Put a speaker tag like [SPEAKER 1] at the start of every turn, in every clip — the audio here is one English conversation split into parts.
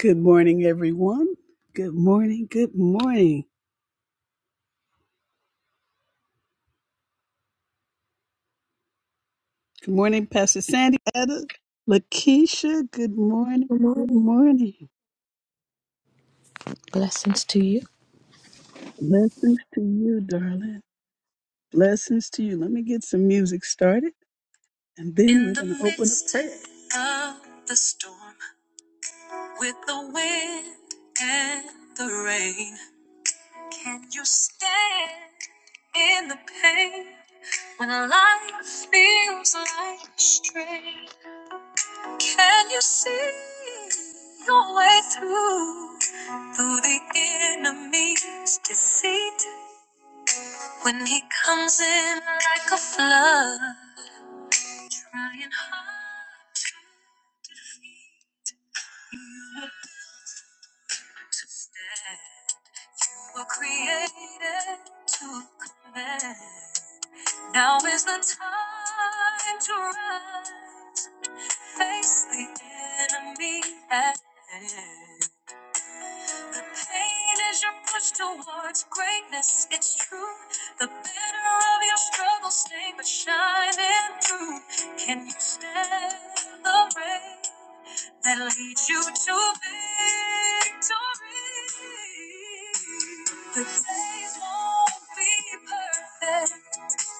[SPEAKER 1] Good morning, everyone. Good morning. Good morning. Good morning, Pastor Sandy, Etta, Lakeisha. Good morning.
[SPEAKER 2] Good
[SPEAKER 1] Good
[SPEAKER 2] morning.
[SPEAKER 1] morning.
[SPEAKER 2] Blessings to you.
[SPEAKER 1] Blessings to you, darling. Blessings to you. Let me get some music started, and then In we're going to open midst up of the storm with the wind and the rain. Can you stand in the pain when life feels like strain? Can you see your way through through the enemy's deceit when he comes in like a flood, trying hard to stand? We're created to command. Now is the time to rise, face the enemy at hand. Pain is your push towards greatness. It's true. The better of your struggle stay but shining through. Can you stand the rain that leads you to victory? The days won't be perfect,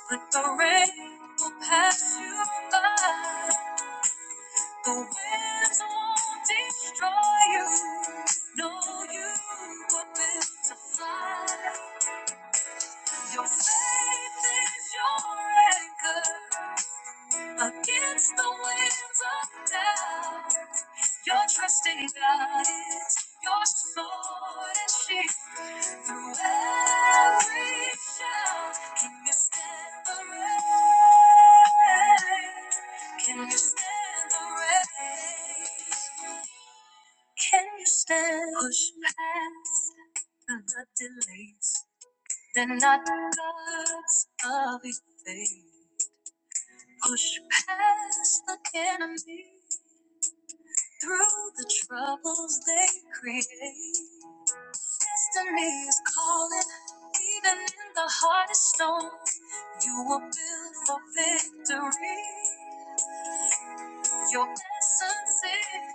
[SPEAKER 1] but the rain will pass you by. The winds won't destroy you. No, you were built to fly. Your faith is your anchor against the winds of doubt. Your trust in God is your sword and shield. Through every trial, can you stand the rain? Can you stand the rain? Can you stand? Push past the delays. They're not gods of your faith. Push past the enemy. Through the troubles they create, destiny is calling. Even in the hardest storm, you were built for victory. Your essence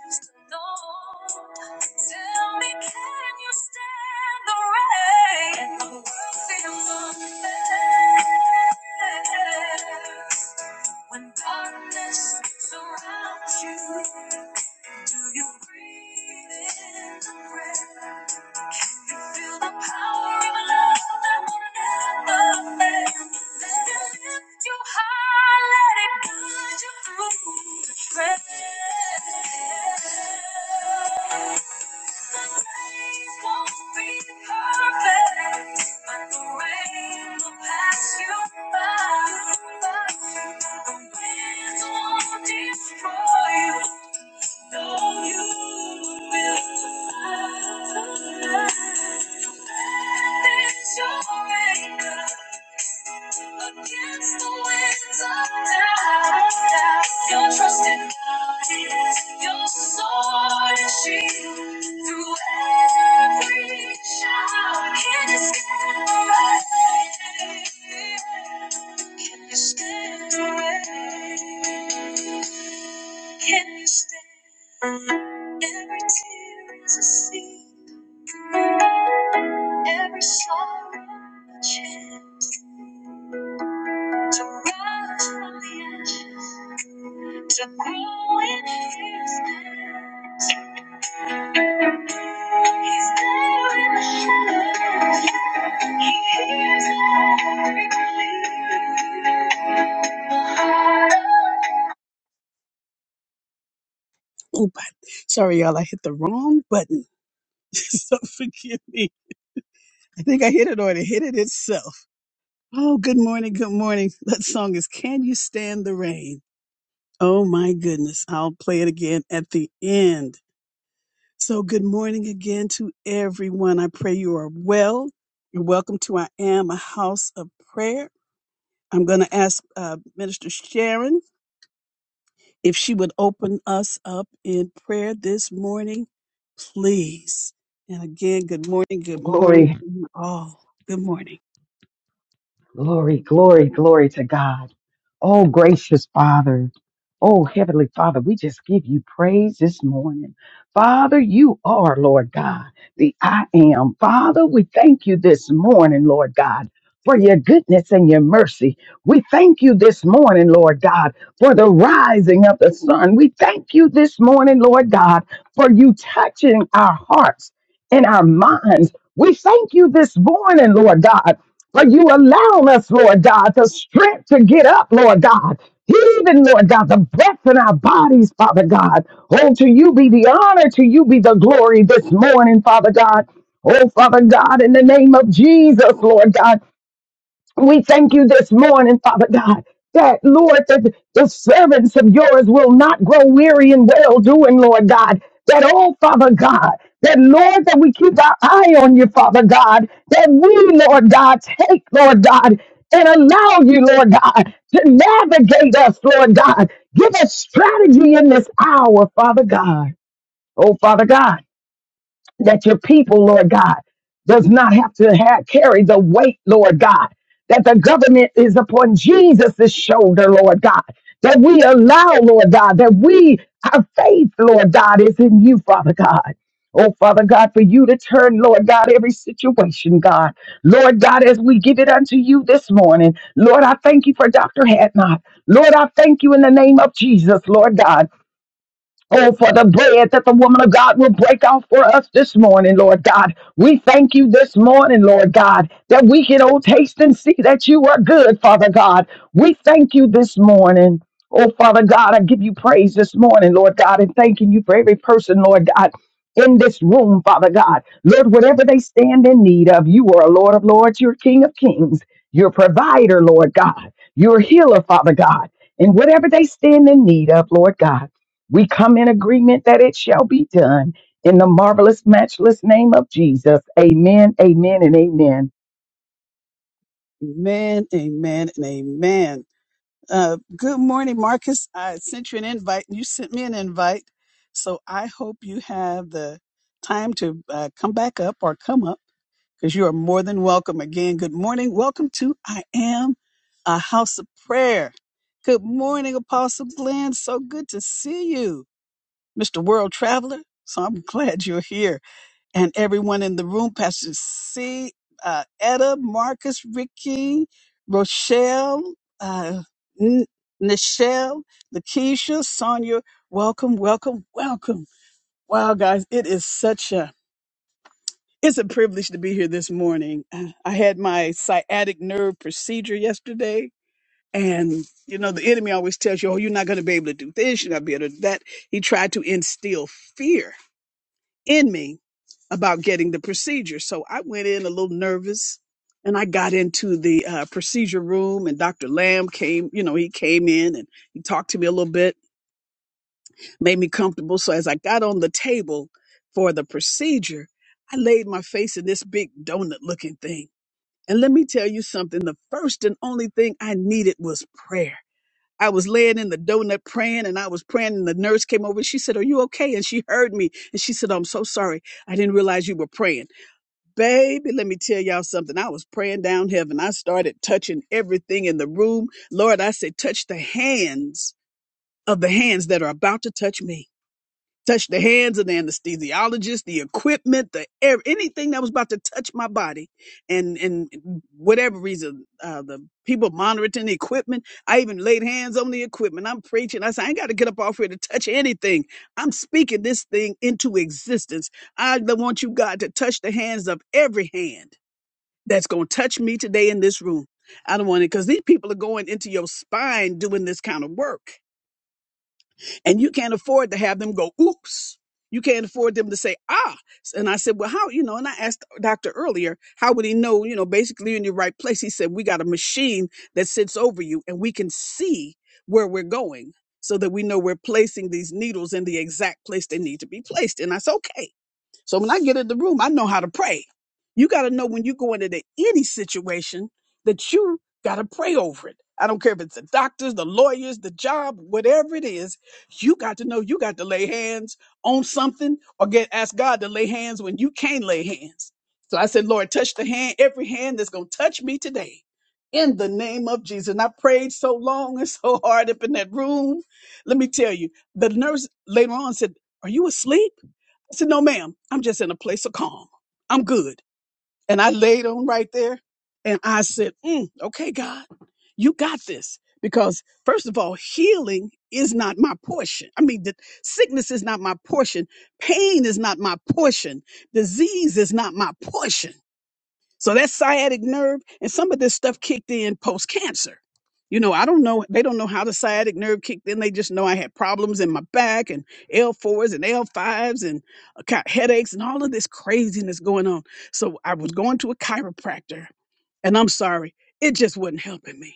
[SPEAKER 1] is to know. Tell me, can you stand the rain? And the world feels unfair. When darkness surrounds you, do you breathe in the breath? Feel the power of love that will never fail. Let it lift you high, let it guide you through the trail. The days won't be perfect, but the rain will pass you by. The winds won't destroy you. Know you will fight the fight. Let your anger Against the winds of doubt, your trust in God is your sword and shield. Through every shout, can you stand the rain? Can you stand the rain? Can you stand every tear is a seed, every sorrow a chance? to rise from the ashes, to grow in His presence. He's there in the shadows. He hears every plea. Ooh, but- sorry, y'all. I hit the wrong button. so forgive me. I think I hit it or it hit it itself. Oh, good morning. Good morning. That song is Can You Stand the Rain? Oh, my goodness. I'll play it again at the end. So, good morning again to everyone. I pray you are well. You're welcome to I Am a House of Prayer. I'm going to ask uh, Minister Sharon if she would open us up in prayer this morning, please. And again, good morning. Good morning
[SPEAKER 3] Glory,
[SPEAKER 1] to you all. Good morning.
[SPEAKER 3] glory, glory, glory to God. Oh, gracious Father. Oh, Heavenly Father, we just give you praise this morning. Father, you are, Lord God, the I am. Father, we thank you this morning, Lord God, for your goodness and your mercy. We thank you this morning, Lord God, for the rising of the sun. We thank you this morning, Lord God, for you touching our hearts and our minds. We thank you this morning, Lord God But you allow us, Lord God, the strength to get up, Lord God. Even, Lord God, the breath in our bodies, Father God. Oh, to you be the honor, to you be the glory this morning, Father God. Oh, Father God, in the name of Jesus, Lord God. We thank you this morning, Father God, that Lord, that the servants of yours will not grow weary in well doing, Lord God. That oh Father God, that Lord, that we keep our eye on you, Father God, that we, Lord God, take, Lord God, and allow you, Lord God, to navigate us, Lord God. Give us strategy in this hour, Father God. Oh, Father God that your people, Lord God, does not have to have, carry the weight, Lord God, that the government is upon Jesus' shoulder, Lord God, that we allow, Lord God, that we, our faith, Lord God, is in you, Father God. Oh, Father God, for you to turn, Lord God, every situation, God. Lord God, as we give it unto you this morning, Lord, I thank you for Dr. Hadnot. Lord, I thank you in the name of Jesus, Lord God. Oh, for the bread that the woman of God will break out for us this morning, Lord God. We thank you this morning, Lord God, that we can oh taste and see that you are good, Father God. We thank you this morning. Oh, Father God, I give you praise this morning, Lord God, and thanking you for every person, Lord God, in this room, Father God. Lord, whatever they stand in need of, you are a Lord of Lords, you're King of Kings, you're provider, Lord God, you're healer, Father God. And whatever they stand in need of, Lord God. We come in agreement that it shall be done in the marvelous, matchless name of Jesus. Amen, amen, and amen.
[SPEAKER 1] Amen, amen, and amen. Uh, good morning, Marcus. I sent you an invite. and You sent me an invite. So I hope you have the time to uh, come back up or come up because you are more than welcome. Again, good morning. Welcome to I Am a House of Prayer. Good morning, Apostle Glenn. So good to see you, Mr. World Traveler. So I'm glad you're here and everyone in the room, Pastor C, uh, Etta, Marcus, Ricky, Rochelle, uh, N- Nichelle, Lakeisha, Sonia, welcome, welcome, welcome. Wow, guys, it is such a, it's a privilege to be here this morning. Uh, I had my sciatic nerve procedure yesterday. And, you know, the enemy always tells you, oh, you're not going to be able to do this. You're not going to be able to do that. He tried to instill fear in me about getting the procedure. So I went in a little nervous and I got into the uh, procedure room and Dr. Lamb came, you know, he came in and he talked to me a little bit, made me comfortable. So as I got on the table for the procedure, I laid my face in this big donut looking thing. And let me tell you something, the first and only thing I needed was prayer. I was laying in the donut praying and I was praying and the nurse came over. and She said, are you okay? And she heard me and she said, I'm so sorry. I didn't realize you were praying. Baby, let me tell y'all something. I was praying down heaven. I started touching everything in the room. Lord, I said, touch the hands of the hands that are about to touch me. Touch the hands of the anesthesiologist, the equipment, the air, anything that was about to touch my body, and and whatever reason, uh, the people monitoring the equipment. I even laid hands on the equipment. I'm preaching. I said, I ain't got to get up off here to touch anything. I'm speaking this thing into existence. I want you, God, to touch the hands of every hand that's going to touch me today in this room. I don't want it because these people are going into your spine doing this kind of work, and you can't afford to have them go, oops. You can't afford them to say, ah. And I said, well, how, you know, and I asked the doctor earlier, how would he know, you know, basically in your right place? He said, we got a machine that sits over you and we can see where we're going so that we know we're placing these needles in the exact place they need to be placed. And that's okay. So when I get in the room, I know how to pray. You got to know when you go into any situation that you got to pray over it. I don't care if it's the doctors, the lawyers, the job, whatever it is, you got to know you got to lay hands on something or get ask God to lay hands when you can't lay hands. So I said, Lord, touch the hand, every hand that's going to touch me today in the name of Jesus. And I prayed so long and so hard up in that room. Let me tell you, the nurse later on said, Are you asleep? I said, No, ma'am, I'm just in a place of calm. I'm good. And I laid on right there and I said, mm, Okay, God, you got this. Because, first of all, healing is not my portion. I mean, the, sickness is not my portion. Pain is not my portion. Disease is not my portion. So that sciatic nerve and some of this stuff kicked in post cancer. You know, I don't know. They don't know how the sciatic nerve kicked in. They just know I had problems in my back and L4s and L5s and I got headaches and all of this craziness going on. So I was going to a chiropractor and I'm sorry, it just wasn't helping me.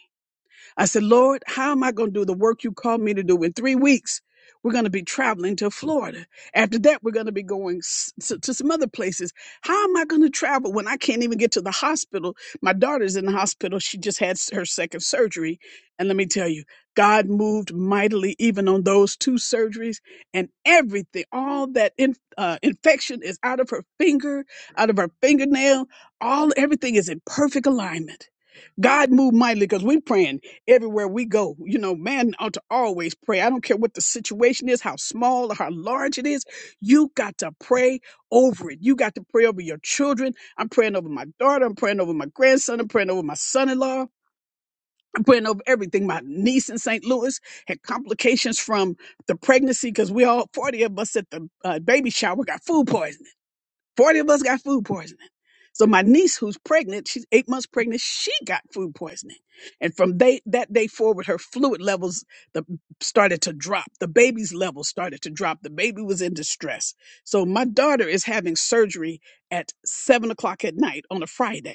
[SPEAKER 1] I said, Lord, how am I going to do the work you called me to do? In three weeks, we're going to be traveling to Florida. After that, we're going to be going s- to, to some other places. How am I going to travel when I can't even get to the hospital? My daughter's in the hospital. She just had s- her second surgery. And let me tell you, God moved mightily even on those two surgeries and everything. All that in, uh, infection is out of her finger, out of her fingernail. All everything is in perfect alignment. God moved mightily because we are praying everywhere we go. You know, man ought to always pray. I don't care what the situation is, how small or how large it is. You got to pray over it. You got to pray over your children. I'm praying over my daughter. I'm praying over my grandson. I'm praying over my son in law. I'm praying over everything. My niece in St. Louis had complications from the pregnancy because we all, 40 of us at the uh, baby shower, got food poisoning. 40 of us got food poisoning. So my niece, who's pregnant, she's eight months pregnant, she got food poisoning. And from day, that day forward, her fluid levels the, started to drop. The baby's levels started to drop. The baby was in distress. So my daughter is having surgery at seven o'clock at night on a Friday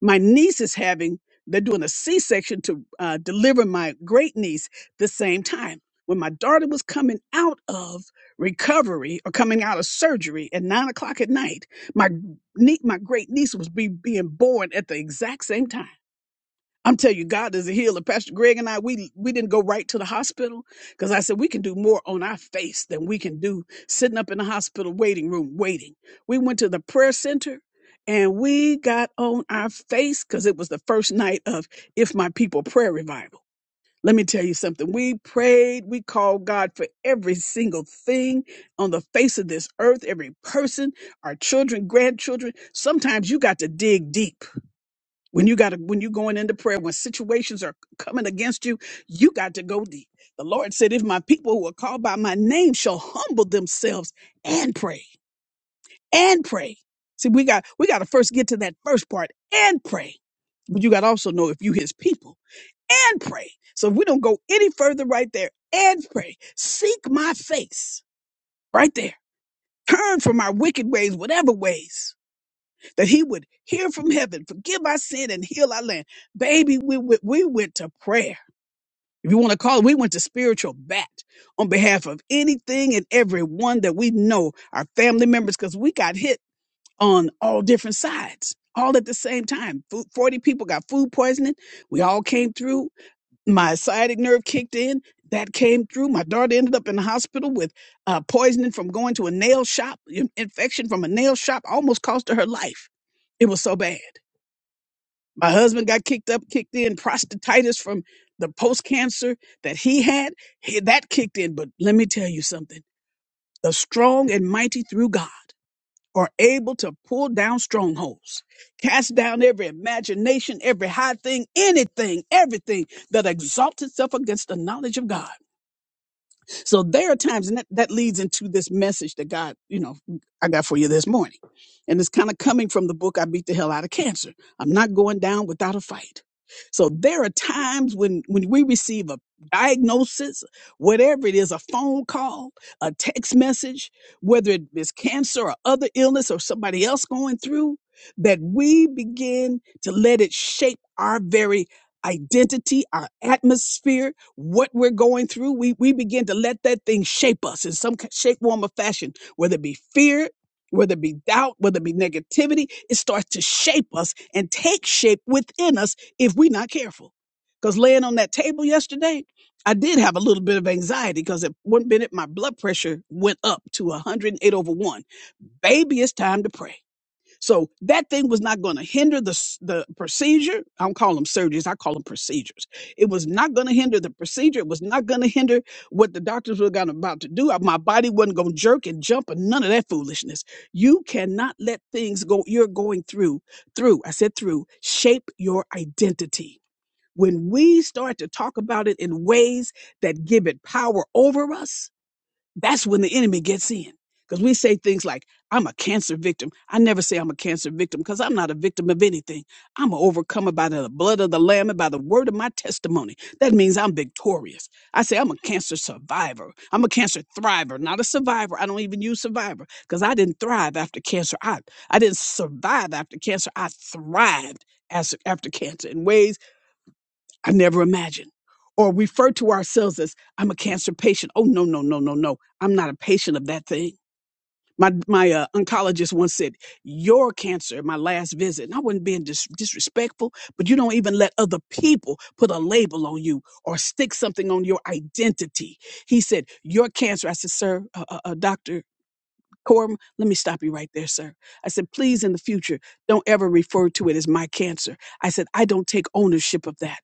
[SPEAKER 1] my niece is having they're doing a c-section to uh, deliver my great niece the same time when my daughter was coming out of recovery or coming out of surgery at nine o'clock at night my nie- my great niece was be, being born at the exact same time I'm telling you, God is a healer. Pastor Greg and I, we we didn't go right to the hospital because I said we can do more on our face than we can do sitting up in the hospital waiting room waiting. We went to the prayer center and we got on our face because it was the first night of If My People Prayer Revival. Let me tell you something. We prayed, we called God for every single thing on the face of this earth, every person, our children, grandchildren. Sometimes you got to dig deep when you got to, when you're going into prayer, when situations are coming against you, you got to go deep. The Lord said, if my people who are called by my name shall humble themselves and pray and pray. See, we got, we got to first get to that first part and pray. But you got to also know if you his people and pray. So if we don't go any further right there and pray, seek my face right there. Turn from our wicked ways, whatever ways that he would hear from heaven, forgive our sin and heal our land. Baby, we went, we went to prayer. If you want to call it, we went to spiritual bat on behalf of anything and everyone that we know, our family members, because we got hit on all different sides, all at the same time. Food, 40 people got food poisoning. We all came through my sciatic nerve kicked in. That came through. My daughter ended up in the hospital with uh, poisoning from going to a nail shop, in- infection from a nail shop almost cost her her life. It was so bad. My husband got kicked up, kicked in, prostatitis from the post cancer that he had. he- that kicked in. But let me tell you something the strong and mighty through God are able to pull down strongholds, cast down every imagination, every high thing, anything, everything that exalts itself against the knowledge of God so there are times, and that, that leads into this message that God, you know, I got for you this morning. And it's kind of coming from the book, I Beat the Hell Out of Cancer. I'm not going down without a fight. So there are times when, when we receive a diagnosis, whatever it is, a phone call, a text message, whether it is cancer or other illness or somebody else going through, that we begin to let it shape our very identity, our atmosphere, what we're going through. We, we begin to let that thing shape us in some ki- shape, form, or fashion, whether it be fear, whether it be doubt, whether it be negativity. It starts to shape us and take shape within us if we're not careful. Because laying on that table yesterday, I did have a little bit of anxiety because at one minute my blood pressure went up to 108 over 1. Baby, it's time to pray. So that thing was not going to hinder the s- the procedure. I don't call them surgeries; I call them procedures. It was not going to hinder the procedure. It was not going to hinder what the doctors were going about to do. Uh, My body wasn't going to jerk and jump and none of that foolishness. You cannot let things go. You're going through through. I said through. Shape your identity. When we start to talk about it in ways that give it power over us, that's when the enemy gets in. Because we say things like, I'm a cancer victim. I never say I'm a cancer victim because I'm not a victim of anything. I'm an overcomer by the blood of the Lamb and by the word of my testimony. That means I'm victorious. I say I'm a cancer survivor. I'm a cancer thriver, not a survivor. I don't even use survivor because I didn't thrive after cancer. I, I didn't survive after cancer. I thrived as, after cancer in ways I never imagined. Or refer to ourselves as, I'm a cancer patient. Oh, no, no, no, no, no. I'm not a patient of that thing. My, my uh, oncologist once said, Your cancer, my last visit, and I wasn't being dis- disrespectful, but you don't even let other people put a label on you or stick something on your identity. He said, Your cancer. I said, Sir, uh, uh, uh, Dr. Corum, let me stop you right there, sir. I said, Please, in the future, don't ever refer to it as my cancer. I said, I don't take ownership of that.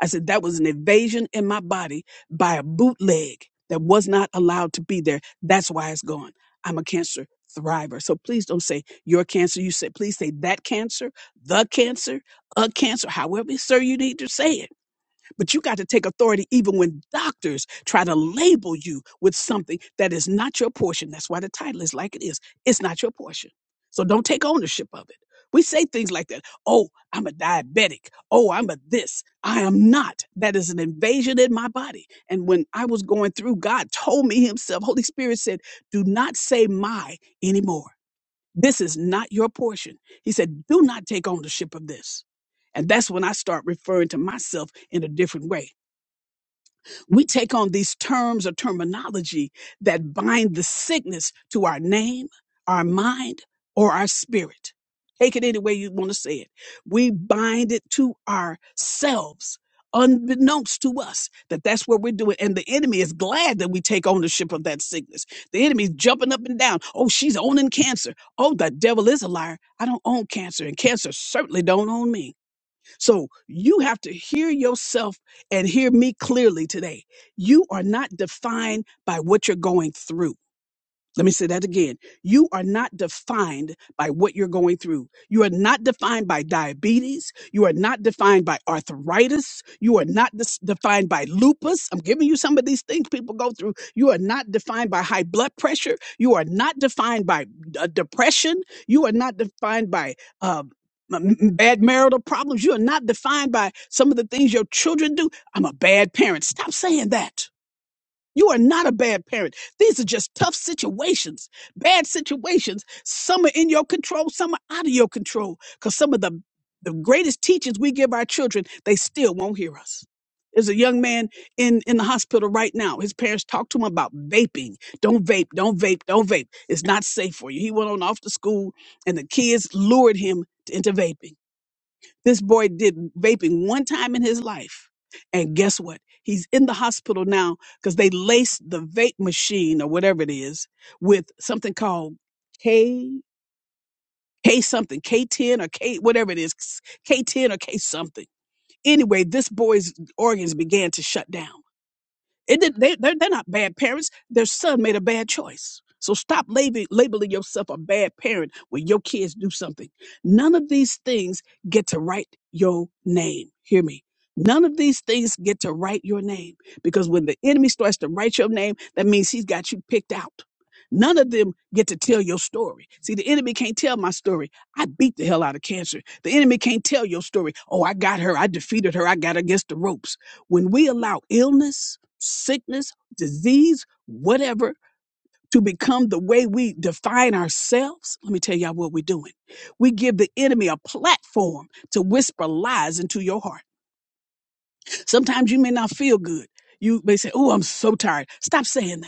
[SPEAKER 1] I said, that was an invasion in my body by a bootleg that was not allowed to be there. That's why it's gone. I'm a cancer thriver. So please don't say your cancer. You said, please say that cancer, the cancer, a cancer, however, sir, you need to say it but you got to take authority even when doctors try to label you with something that is not your portion. That's why the title is like it is. It's not your portion. So don't take ownership of it. We say things like that. Oh, I'm a diabetic. Oh, I'm a this. I am not. That is an invasion in my body. And when I was going through, God told me Himself, Holy Spirit said, do not say my anymore this is not your portion. He said, Do not take ownership of this. And that's when I start referring to myself in a different way. We take on these terms or terminology that bind the sickness to our name, our mind, or our spirit. Take it any way you want to say it. We bind it to ourselves, unbeknownst to us, that that's what we're doing. And the enemy is glad that we take ownership of that sickness. The enemy's jumping up and down. Oh, she's owning cancer. Oh, the devil is a liar. I don't own cancer, and cancer certainly don't own me. So you have to hear yourself and hear me clearly today. You are not defined by what you're going through. Let me say that again. You are not defined by what you're going through. You are not defined by diabetes. You are not defined by arthritis. You are not dis- defined by lupus. I'm giving you some of these things people go through. You are not defined by high blood pressure. You are not defined by uh, depression. You are not defined by uh, m- m- bad marital problems. You are not defined by some of the things your children do. I'm a bad parent. Stop saying that. You are not a bad parent. These are just tough situations, bad situations. Some are in your control, some are out of your control. Because some of the, the greatest teachings we give our children, they still won't hear us. There's a young man in, in the hospital right now. His parents talked to him about vaping. Don't vape, don't vape, don't vape. It's not safe for you. He went on off to school, and the kids lured him into vaping. This boy did vaping one time in his life. And guess what? He's in the hospital now because they laced the vape machine or whatever it is with something called K K something, K10 or K whatever it is, K10 or K something. Anyway, this boy's organs began to shut down. It did, they, they're, they're not bad parents. Their son made a bad choice. So stop labeling, labeling yourself a bad parent when your kids do something. None of these things get to write your name. Hear me. None of these things get to write your name because when the enemy starts to write your name, that means he's got you picked out. None of them get to tell your story. See, the enemy can't tell my story. I beat the hell out of cancer. The enemy can't tell your story. Oh, I got her. I defeated her. I got her against the ropes. When we allow illness, sickness, disease, whatever, to become the way we define ourselves, let me tell y'all what we're doing. We give the enemy a platform to whisper lies into your heart. Sometimes you may not feel good. You may say, Oh, I'm so tired. Stop saying that.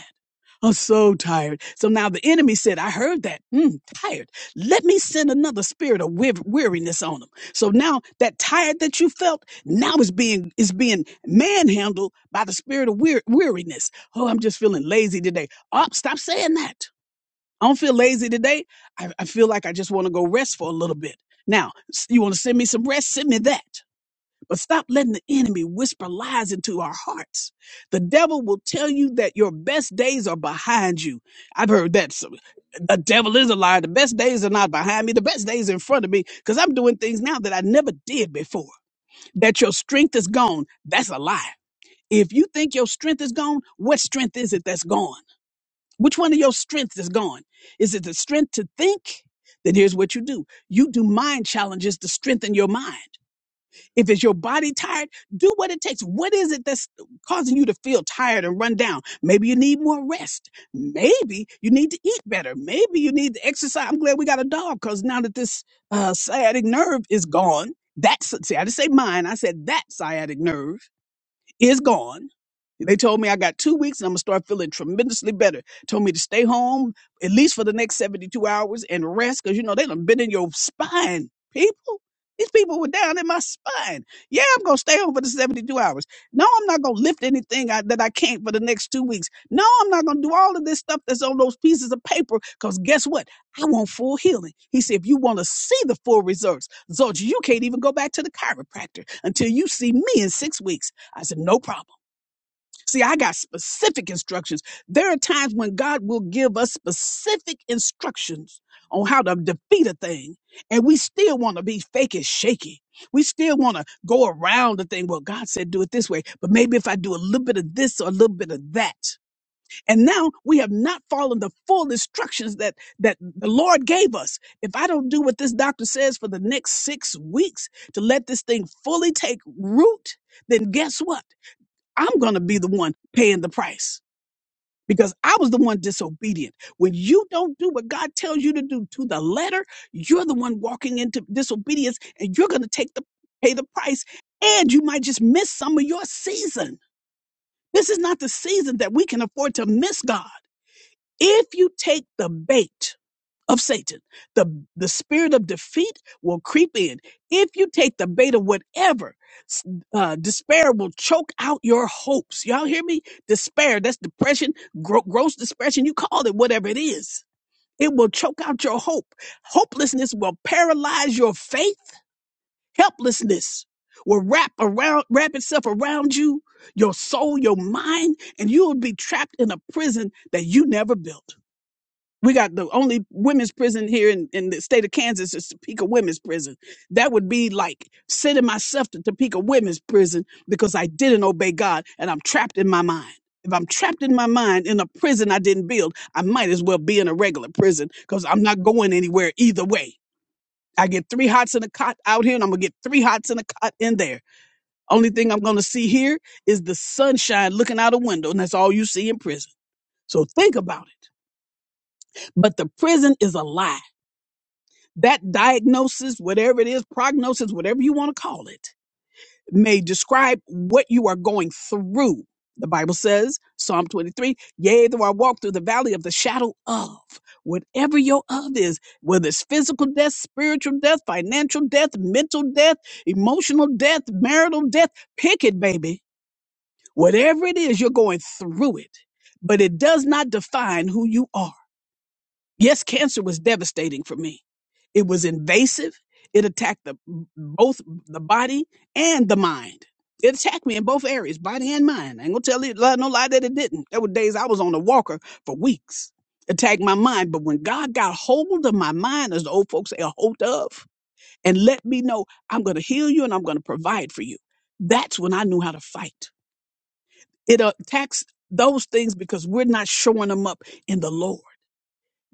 [SPEAKER 1] I'm so tired. So now the enemy said, I heard that. Mm, tired. Let me send another spirit of wear- weariness on them. So now that tired that you felt now is being is being manhandled by the spirit of wear- weariness. Oh, I'm just feeling lazy today. Oh, stop saying that. I don't feel lazy today. I, I feel like I just want to go rest for a little bit. Now, s- you want to send me some rest? Send me that. But stop letting the enemy whisper lies into our hearts. The devil will tell you that your best days are behind you. I've heard that. So, the devil is a liar. The best days are not behind me. The best days are in front of me because I'm doing things now that I never did before. That your strength is gone. That's a lie. If you think your strength is gone, what strength is it that's gone? Which one of your strengths is gone? Is it the strength to think? Then here's what you do. You do mind challenges to strengthen your mind. If it's your body tired, do what it takes. What is it that's causing you to feel tired and run down? Maybe you need more rest. Maybe you need to eat better. Maybe you need to exercise. I'm glad we got a dog because now that this uh, sciatic nerve is gone, that's see, I didn't say mine. I said that sciatic nerve is gone they told me I got two weeks and I'm gonna start feeling tremendously better. Told me to stay home at least for the next 72 hours and rest because you know they done been in your spine, people. These people were down in my spine. Yeah, I'm gonna stay home for the 72 hours. No, I'm not gonna lift anything I, that I can't for the next two weeks. No, I'm not gonna do all of this stuff that's on those pieces of paper because guess what? I want full healing. He said, if you want to see the full results, results, you can't even go back to the chiropractor until you see me in six weeks. I said, no problem. See, I got specific instructions. There are times when God will give us specific instructions on how to defeat a thing, and we still want to be fake and shaky. We still want to go around the thing. Well, God said do it this way, but maybe if I do a little bit of this or a little bit of that. And now we have not followed the full instructions that that the Lord gave us. If I don't do what this doctor says for the next six weeks to let this thing fully take root, then guess what? I'm going to be the one paying the price because I was the one disobedient. When you don't do what God tells you to do to the letter, you're the one walking into disobedience and you're going to take the pay the price and you might just miss some of your season. This is not the season that we can afford to miss God. If you take the bait, of Satan. The, the spirit of defeat will creep in. If you take the bait of whatever, s- uh, despair will choke out your hopes. Y'all hear me? Despair, that's depression, gro- gross depression. You call it whatever it is. It will choke out your hope. Hopelessness will paralyze your faith. Helplessness will wrap around, wrap itself around you, your soul, your mind, and you will be trapped in a prison that you never built. We got the only women's prison here in, in the state of Kansas is Topeka Women's Prison. That would be like sending myself to Topeka Women's Prison because I didn't obey God and I'm trapped in my mind. If I'm trapped in my mind in a prison I didn't build, I might as well be in a regular prison because I'm not going anywhere either way. I get three hots in a cot out here and I'm going to get three hots in a cot in there. Only thing I'm going to see here is the sunshine looking out a window, and that's all you see in prison. So think about it. But the prison is a lie. that diagnosis, whatever it is, prognosis, whatever you want to call it, may describe what you are going through. The Bible says, Psalm 23, yea, though I walk through the valley of the shadow of, whatever your of is, whether it's physical death, spiritual death, financial death, mental death, emotional death, marital death, pick it, baby. Whatever it is, you're going through it. But it does not define who you are. Yes, cancer was devastating for me. It was invasive. It attacked the both the body and the mind. It attacked me in both areas, body and mind. I ain't gonna tell you lie- no lie that it didn't. There were days I was on a walker for weeks. Attacked my mind, but when God got hold of my mind, as the old folks say, a hold of, and let me know I'm gonna heal you and I'm gonna provide for you. That's when I knew how to fight. It uh, attacks those things because we're not showing them up in the Lord.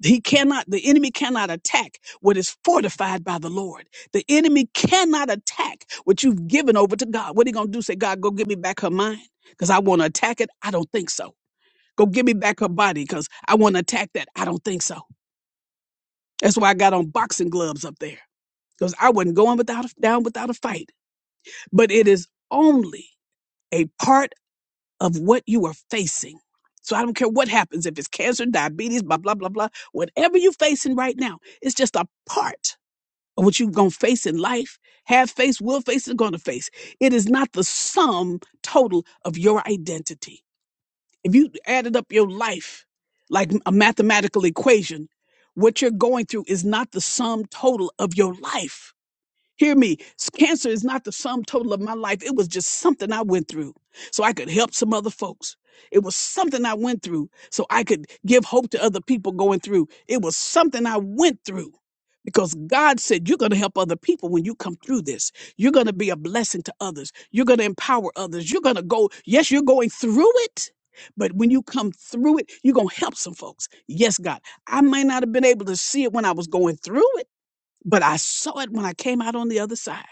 [SPEAKER 1] He cannot, the enemy cannot attack what is fortified by the Lord. The enemy cannot attack what you've given over to God. What are you going to do? Say, God, go give me back her mind because I want to attack it? I don't think so. Go give me back her body because I want to attack that? I don't think so. That's why I got on boxing gloves up there because I wasn't going without a, down without a fight. But it is only a part of what you are facing. So I don't care what happens if it's cancer, diabetes, blah, blah, blah, blah. Whatever you're facing right now, it's just a part of what you're going to face in life, have faced, will face, is going to face. It is not the sum total of your identity. If you added up your life like a mathematical equation, what you're going through is not the sum total of your life Hear me. s- Cancer is not the sum total of my life. It was just something I went through so I could help some other folks. It was something I went through so I could give hope to other people going through. It was something I went through because God said, You're going to help other people when you come through this. You're going to be a blessing to others. You're going to empower others. You're going to go, yes, you're going through it. But when you come through it, you're going to help some folks. Yes, God. I might not have been able to see it when I was going through it but I saw it when I came out on the other side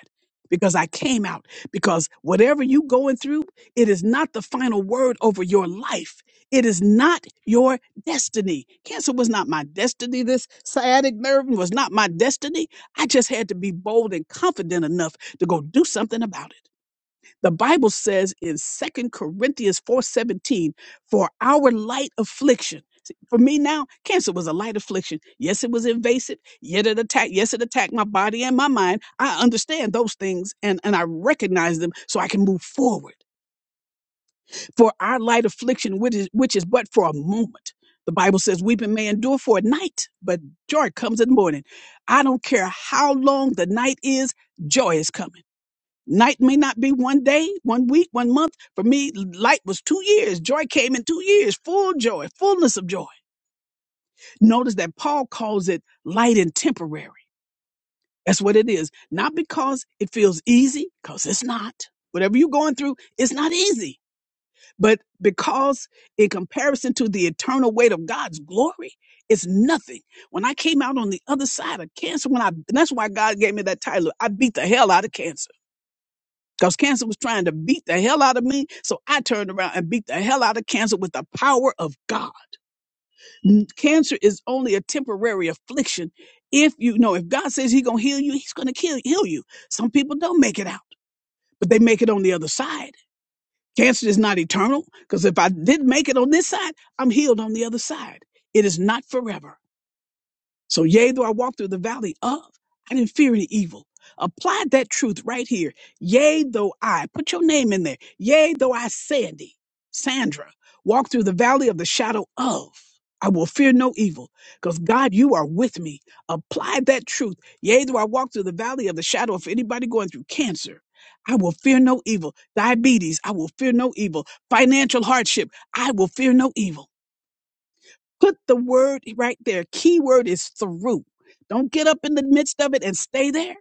[SPEAKER 1] because I came out because whatever you going through it is not the final word over your life it is not your destiny cancer was not my destiny this sciatic nerve was not my destiny I just had to be bold and confident enough to go do something about it the Bible says in Second Corinthians 4:17, for our light affliction. See, For me now, cancer was a light affliction. Yes, it was invasive. Yet it attacked, yes, it attacked my body and my mind. I understand those things and, and I recognize them so I can move forward. For our light affliction, which is which is but for a moment. The Bible says weeping may endure for a night, but joy comes in the morning. I don't care how long the night is, joy is coming. Night may not be one day, one week, one month. For me, light was two years. Joy came in two years, full joy, fullness of joy. Notice that Paul calls it light and temporary. That's what it is. Not because it feels easy, because it's not. Whatever you're going through, it's not easy. But because in comparison to the eternal weight of God's glory, it's nothing. When I came out on the other side of cancer, when I and that's why God gave me that title, I beat the hell out of cancer. because cancer was trying to beat the hell out of me. So I turned around and beat the hell out of cancer with the power of God. N- Cancer is only a temporary affliction. If you know, if God says He's gonna heal you, He's gonna kill heal you. Some people don't make it out, but they make it on the other side. Cancer is not eternal because if I did make it on this side, I'm healed on the other side. It is not forever. So, yea, though I walk through the valley of, I didn't fear any evil. Apply that truth right here. Yea, though I, put your name in there. Yea, though I, Sandy, Sandra, walk through the valley of the shadow of, I will fear no evil, because God, you are with me. Apply that truth. Yea, though I walk through the valley of the shadow of anybody going through cancer, I will fear no evil. Diabetes, I will fear no evil. Financial hardship, I will fear no evil Put the word right there. Key word is through. Don't get up in the midst of it and stay there.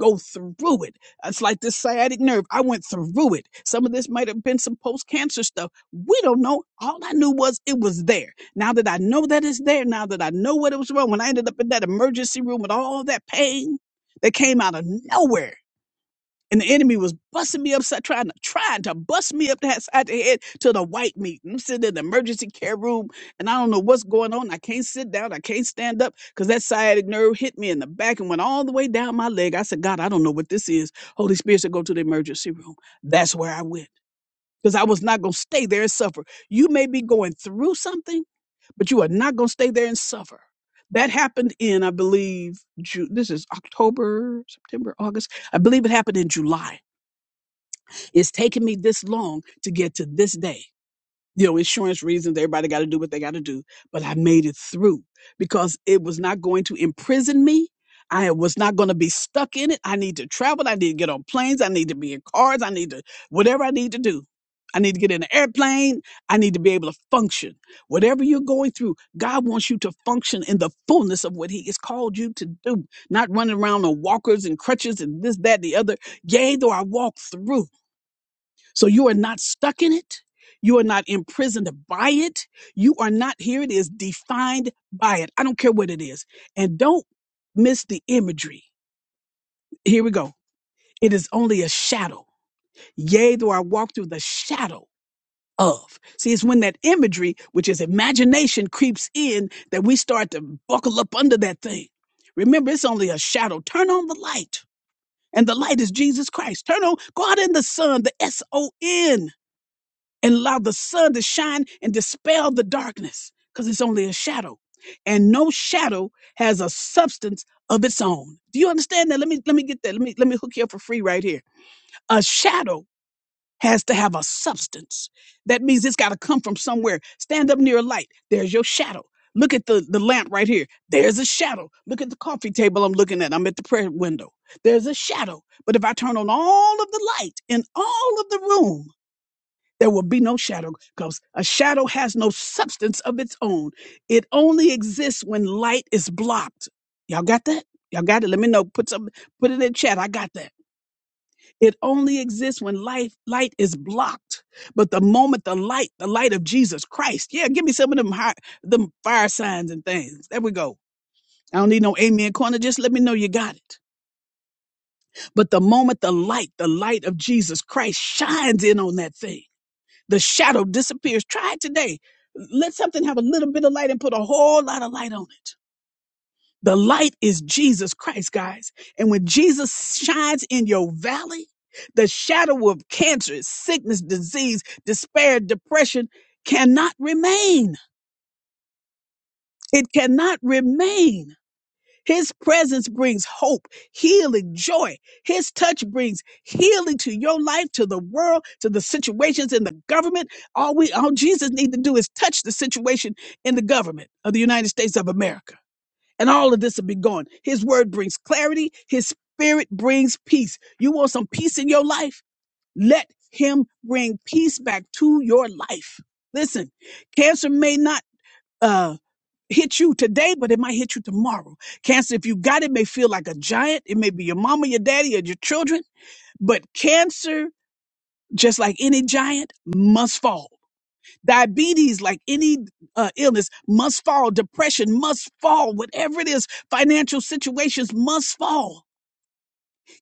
[SPEAKER 1] Go through it. It's like this sciatic nerve. I went through it. Some of this might have been some post cancer stuff. We don't know. All I knew was it was there. Now that I know that it's there, now that I know what it was wrong, when I ended up in that emergency room with all that pain that came out of nowhere, and the enemy was busting me upside, trying to trying to bust me up the head- side the head to the white meat. And I'm sitting in the emergency care room, and I don't know what's going on. I can't sit down. I can't stand up because that sciatic nerve hit me in the back and went all the way down my leg. I said, God, I don't know what this is. Holy Spirit said, go to the emergency room. That's where I went because I was not going to stay there and suffer. You may be going through something, but you are not going to stay there and suffer. That happened in, I believe, Ju- this is October, September, August. I believe it happened in July it's taken me this long to get to this day. You know, insurance reasons, everybody got to do what they got to do. But I made it through because it was not going to imprison me. I was not going to be stuck in it. I need to travel. I need to get on planes. I need to be in cars. I need to, whatever I need to do. I need to get in an airplane. I need to be able to function. Whatever you're going through, God wants you to function in the fullness of what He has called you to do, not running around on walkers and crutches and this, that, the other. Yea, though I walk through. So you are not stuck in it. You are not imprisoned by it. You are not, here it is, defined by it. I don't care what it is. And don't miss the imagery. Here we go. It is only a shadow. Yea, though I walk through the shadow of. See, it's when that imagery, which is imagination, creeps in that we start to buckle up under that thing. Remember, it's only a shadow. Turn on the light. And the light is Jesus Christ. Turn on, go out in the sun, the S O N and allow the sun to shine and dispel the darkness because it's only a shadow and no shadow has a substance of its own do you understand that let me let me get that let me let me hook you up for free right here a shadow has to have a substance that means it's got to come from somewhere stand up near a light there's your shadow look at the the lamp right here there's a shadow look at the coffee table i'm looking at i'm at the prayer window there's a shadow but if i turn on all of the light in all of the room there will be no shadow because a shadow has no substance of its own. It only exists when light is blocked. Y'all got that? Y'all got it? Let me know. Put some put it in chat. I got that. It only exists when life light is blocked. But the moment the light, the light of Jesus Christ. Yeah, give me some of them high, them fire signs and things. There we go. I don't need no amen corner. Just let me know you got it. But the moment the light, the light of Jesus Christ shines in on that thing The shadow disappears. Try it today. Let something have a little bit of light and put a whole lot of light on it. The light is Jesus Christ, guys. And when Jesus shines in your valley, the shadow of cancer, sickness, disease, despair, depression cannot remain. It cannot remain. His presence brings hope, healing, joy. His touch brings healing to your life, to the world, to the situations in the government. All we, all Jesus need to do is touch the situation in the government of the United States of America. And all of this will be gone. His word brings clarity. His spirit brings peace. You want some peace in your life? Let him bring peace back to your life. Listen, cancer may not, uh, hit you today, but it might hit you tomorrow. Cancer, if you got it, may feel like a giant. It may be your mama, your daddy, or your children. But cancer, just like any giant, must fall. Diabetes, like any uh, illness, must fall. Depression must fall. Whatever it is, financial situations must fall.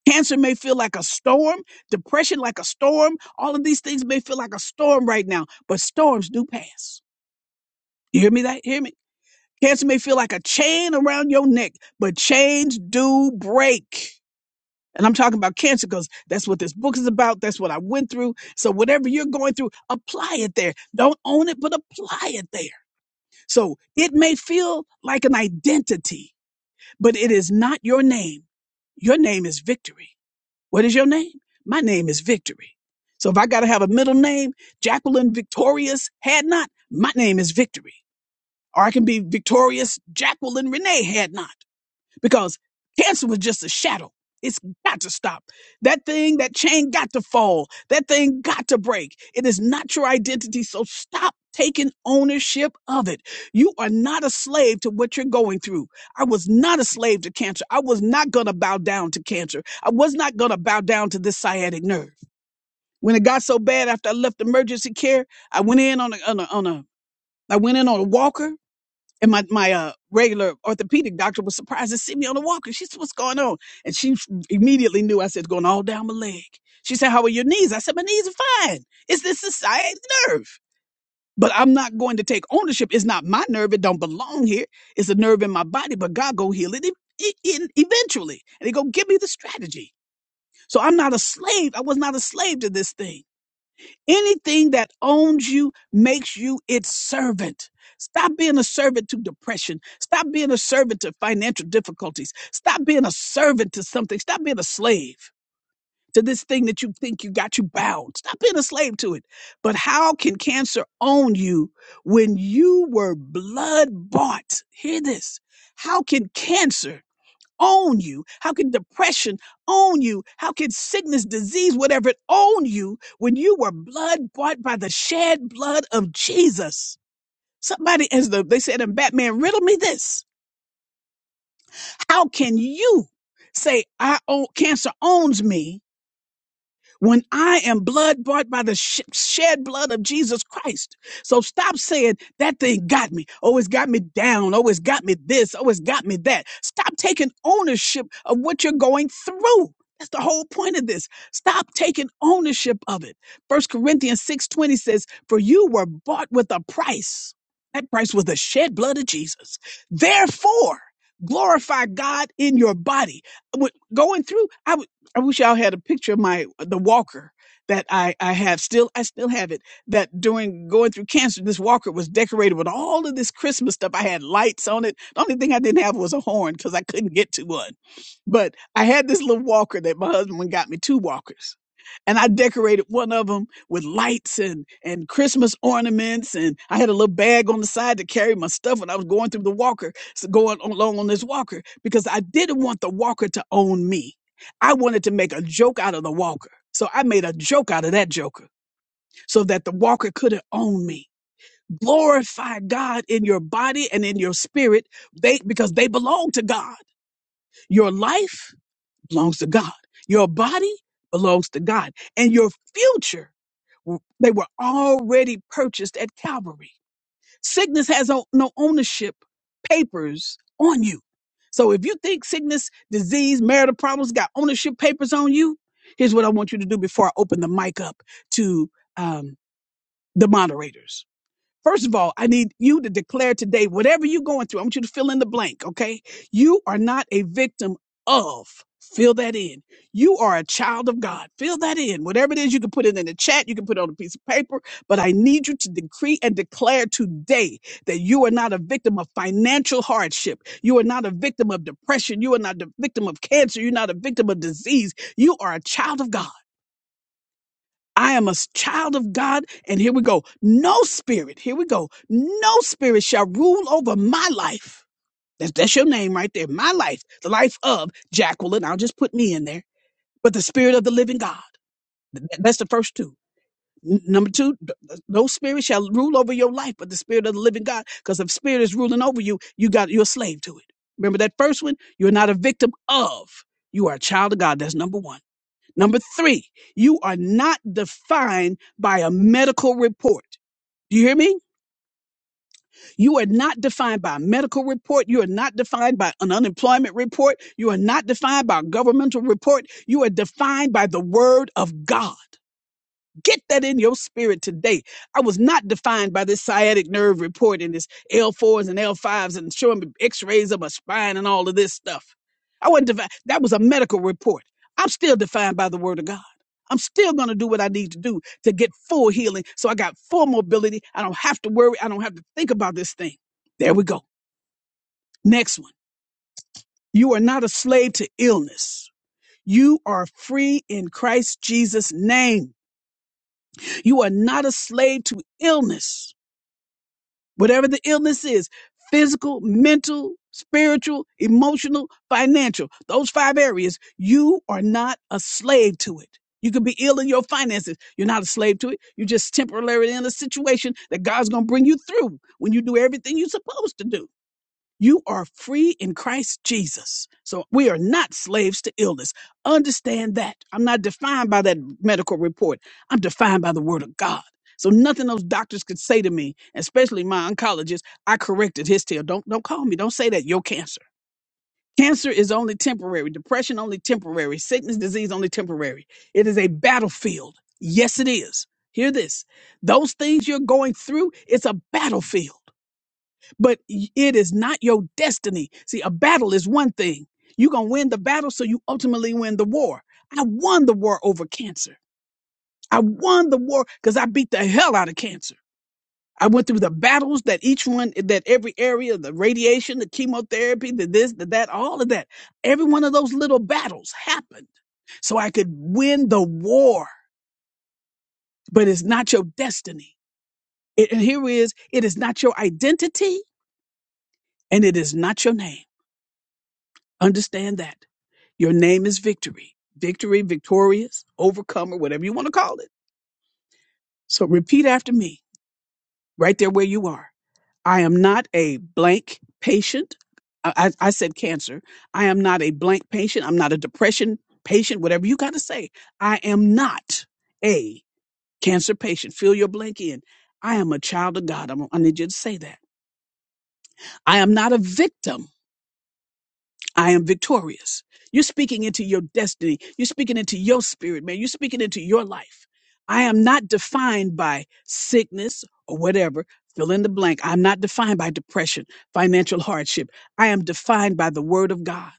[SPEAKER 1] Cancer may feel like a storm, depression like a storm. All of these things may feel like a storm right now, but storms do pass. You hear me? That hear me? Cancer may feel like a chain around your neck, but chains do break. And I'm talking about cancer because that's what this book is about. That's what I went through. So whatever you're going through, apply it there. Don't own it, but apply it there. So it may feel like an identity, but it is not your name. Your name is victory. What is your name? My name is victory. So if I got to have a middle name, Jacqueline Victorious had not, my name is victory. Or I can be victorious Jacqueline Renee had not, because cancer was just a shadow. It's got to stop. That thing, that chain got to fall. That thing got to break. It is not your identity. So stop taking ownership of it. You are not a slave to what you're going through. I was not a slave to cancer. I was not going to bow down to cancer. I was not going to bow down to this sciatic nerve. When it got so bad after I left emergency care, I went in on a, on a, on a I went in on a walker and my, my uh, regular orthopedic doctor was surprised to see me on a walker. She said, What's going on? And she immediately knew I said, "It's going all down my leg. She said, How are your knees? I said, My knees are fine. It's this society nerve. But I'm not going to take ownership. It's not my nerve. It don't belong here. It's a nerve in my body, but God go heal it e- e- in- eventually. And he go, Give me the strategy. So I'm not a slave. I was not a slave to this thing. Anything that owns you makes you its servant. Stop being a servant to depression. Stop being a servant to financial difficulties. Stop being a servant to something. Stop being a slave to this thing that you think you got you bound. Stop being a slave to it. But how can cancer own you when you were blood bought? Hear this. How can cancer? own you? How can depression own you? How can sickness, disease, whatever it own you when you were blood bought by the shed blood of Jesus? Somebody, as the, they said in Batman, riddle me this. How can you say I own, cancer owns me when I am blood bought by the sh- shed blood of Jesus Christ. So stop saying that thing got me. Oh, it's got me down. Oh, it's got me this. Oh, it's got me that. Stop taking ownership of what you're going through. That's the whole point of this. Stop taking ownership of it. First Corinthians 6:20 says, "For you were bought with a price. That price was the shed blood of Jesus. Therefore, glorify God in your body." What- Going through, I would. I wish y'all had a picture of my the walker that I I have still I still have it that during going through cancer this walker was decorated with all of this Christmas stuff I had lights on it the only thing I didn't have was a horn cuz I couldn't get to one but I had this little walker that my husband went and got me two walkers and I decorated one of them with lights and and Christmas ornaments, and I had a little bag on the side to carry my stuff when I was going through the walker, so going along on this walker because I didn't want the walker to own me. I wanted to make a joke out of the walker. So I made a joke out of that joker so that the walker couldn't own me. Glorify God in your body and in your spirit they, because they belong to God. Your life belongs to God. Your body belongs to God. And your future, they were already purchased at Calvary. Sickness has no, no ownership papers on you. So if you think sickness, disease, marital problems got ownership papers on you, here's what I want you to do before I open the mic up to um, the moderators First of all, I need you to declare today, whatever you're going through, I want you to fill in the blank, okay? You are not a victim of. Fill that in. You are a child of God. Fill that in. Whatever it is, you can put it in the chat, you can put it on a piece of paper, but I need you to decree and declare today that you are not a victim of financial hardship. You are not a victim of depression. You are not a victim of cancer. You're not a victim of disease. You are a child of God. I am a s- child of God. And here we go. No spirit, here we go. No spirit shall rule over my life. That's, that's your name right there. My life, the life of Jacqueline. I'll just put me in there. But the spirit of the living God. Th- th- That's the first two. N- Number two, th- th- no spirit shall rule over your life, but the spirit of the living God. Because if spirit is ruling over you, you got you're a slave to it. Remember that first one? You're not a victim of. You are a child of God. That's number one. Number three, you are not defined by a medical report. Do you hear me? You are not defined by a medical report. You are not defined by an unemployment report. You are not defined by a governmental report. You are defined by the word of God. Get that in your spirit today. I was not defined by this sciatic nerve report and this L4s and L5s and showing me x rays of my spine and all of this stuff. I wasn't defined. That was a medical report. I'm still defined by the word of God. I'm still going to do what I need to do to get full healing. So I got full mobility. I don't have to worry. I don't have to think about this thing. There we go. Next one. You are not a slave to illness. You are free in Christ Jesus' name. You are not a slave to illness. whatever the illness is physical, mental, spiritual, emotional, financial those five areas, you are not a slave to it. You could be ill in your finances. You're not a slave to it. You're just temporarily in a situation that God's going to bring you through when you do everything you're supposed to do. You are free in Christ Jesus. So we are not slaves to illness. Understand that. I'm not defined by that medical report. I'm defined by the word of God. So nothing those doctors could say to me, especially my oncologist, I corrected his tale. Don't don't call me. Don't say that. Your cancer. Cancer is only temporary. Depression only temporary. Sickness, disease only temporary. It is a battlefield. Yes, it is. Hear this. Those things you're going through, it's a battlefield but y- it is not your destiny. See, a battle is one thing. You're going to win the battle, so you ultimately win the war. I won the war over cancer. I won the war because I beat the hell out of cancer. I went through the battles that each one, that every area, the radiation, the chemotherapy, the this, the that, all of that. Every one of those little battles happened so I could win the war, but it's not your destiny. It, and here is, it is not your identity and it is not your name. Understand that. Your name is victory. Victory, victorious, overcomer, whatever you want to call it. So repeat after me, right there where you are. I am not a blank patient. I, I I said cancer. I am not a blank patient. I'm not a depression patient, whatever you got to say. I am not a cancer patient. Fill your blank in. I am a child of God. I'm, I need you to say that. I am not a victim. I am victorious. You're speaking into your destiny. You're speaking into your spirit, man. You're speaking into your life. I am not defined by sickness or whatever. Fill in the blank. I'm not defined by depression, financial hardship. I am defined by the word of God.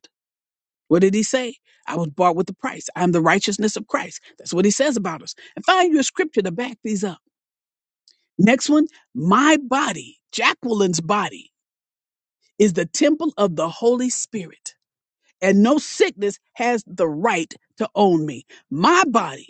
[SPEAKER 1] What did he say? I was bought with a price. I'm the righteousness of Christ. That's what he says about us. And find your scripture to back these up. Next one, my body, Jacqueline's body, is the temple of the Holy Spirit and no sickness has the right to own me. My body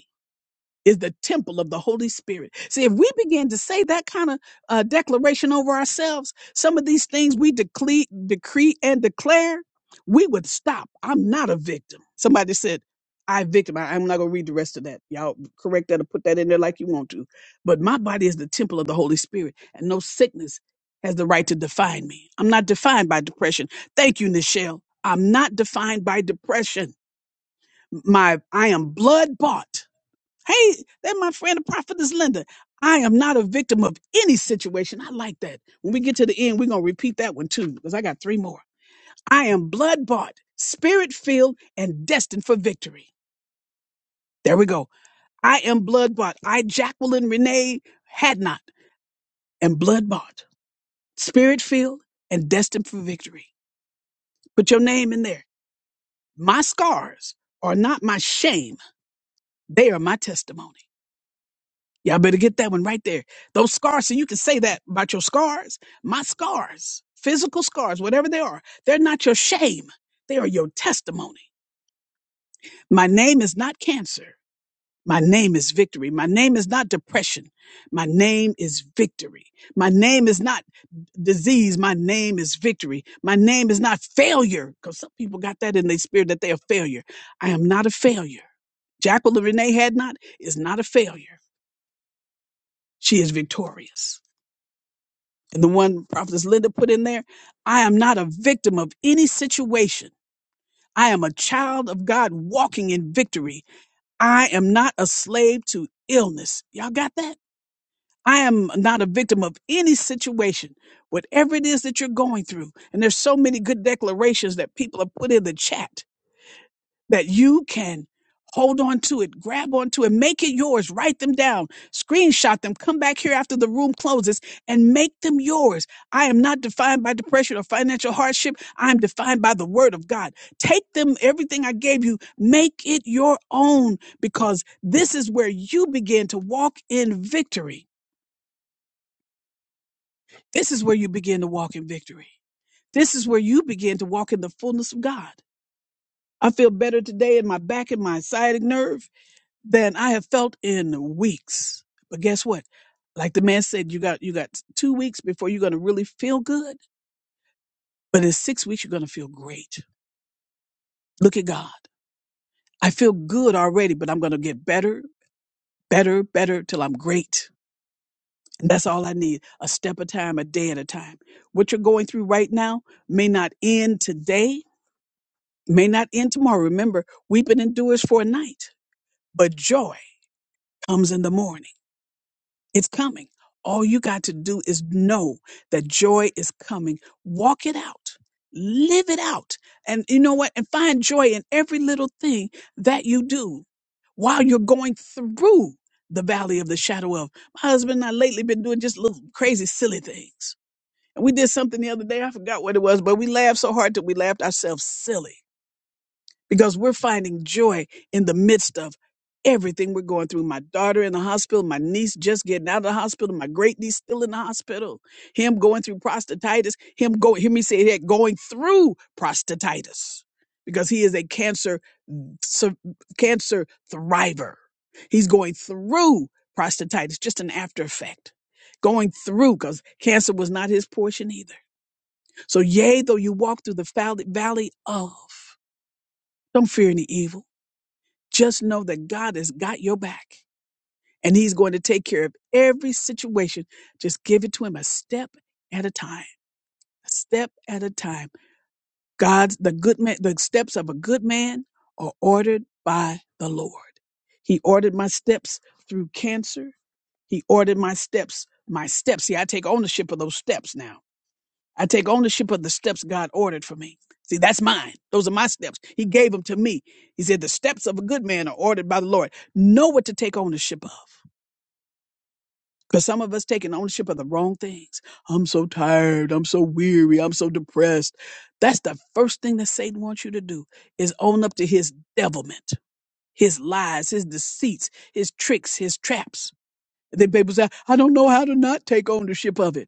[SPEAKER 1] is the temple of the Holy Spirit. See, if we begin to say that kind of uh, declaration over ourselves, some of these things we decree, decree and declare, we would stop. I'm not a victim. Somebody said, I victim. I, I'm not going to read the rest of that. Y'all correct that or put that in there like you want to. But my body is the temple of the Holy Spirit, and no sickness has the right to define me. I'm not defined by depression. Thank you, Nichelle. I'm not defined by depression. My I am blood bought. Hey, that my friend, the prophetess Linda. I am not a victim of any situation. I like that. When we get to the end, we're going to repeat that one too, because I got three more. I am blood bought, spirit filled, and destined for victory. There we go. I am blood bought. I, Jacqueline Renee, had not, am blood bought, spirit filled, and destined for victory. Put your name in there. My scars are not my shame, they are my testimony. Y'all better get that one right there. Those scars, so you can say that about your scars. My scars, physical scars, whatever they are, they're not your shame. They are your testimony. My name is not cancer. My name is victory. My name is not depression. My name is victory. My name is not disease. My name is victory. My name is not failure, because some people got that in their spirit that they are failure. I am not a failure. Jacqueline Renee Hadnot is not a failure. She is victorious. the one prophetess linda put in there i am not a victim of any situation i am a child of god walking in victory i am not a slave to illness y'all got that i am not a victim of any situation whatever it is that you're going through and there's so many good declarations that people have put in the chat that you can hold on to it, grab onto it, make it yours, write them down, screenshot them, come back here after the room closes and make them yours. I am not defined by depression or financial hardship. I am defined by the word of God. Take them, everything I gave you, make it your own because this is where you begin to walk in victory. This is where you begin to walk in victory. This is where you begin to walk in the fullness of God. I feel better today in my back and my sciatic nerve. than I have felt in weeks. But guess what? Like the man said, you got you got two weeks before you're gonna really feel good. But in six weeks, you're gonna feel great. Look at God. I feel good already, but I'm gonna get better, better, better till I'm great. And that's all I need. A step at a time, a day at a time. What you're going through right now may not end today, may not end tomorrow. Remember, weeping endures for a night, but joy comes in the morning. It's coming. All you got to do is know that joy is coming. Walk it out. Live it out. And you know what? And find joy in every little thing that you do while you're going through the valley of the shadow of. My husband and I lately been doing just little crazy, silly things. And we did something the other day. I forgot what it was, but we laughed so hard that we laughed ourselves silly because we're finding joy in the midst of everything we're going through. My daughter in the hospital, my niece just getting out of the hospital, my great niece still in the hospital, him going through prostatitis, him going, hear me say that, going through prostatitis because he is a cancer, sur- cancer thriver. He's going through prostatitis, just an after effect. Going through because cancer was not his portion either. So, yea, though you walk through the valley valley of, don't fear any evil just know that God has got your back and He's going to take care of every situation. Just give it to Him a step at a time, a step at a time. God's the good man, the steps of a good man are ordered by the Lord. He ordered my steps through cancer. He ordered my steps, my steps. See, I take ownership of those steps now. I take ownership of the steps God ordered for me. See, that's mine. Those are my steps. He gave them to me. He said, The steps of a good man are ordered by the Lord. Know what to take ownership of. Because some of us taking ownership of the wrong things. I'm so tired. I'm so weary. I'm so depressed. That's the first thing that Satan wants you to do is own up to his devilment, his lies, his deceits, his tricks, his traps. Then people say, I don't know how to not take ownership of it.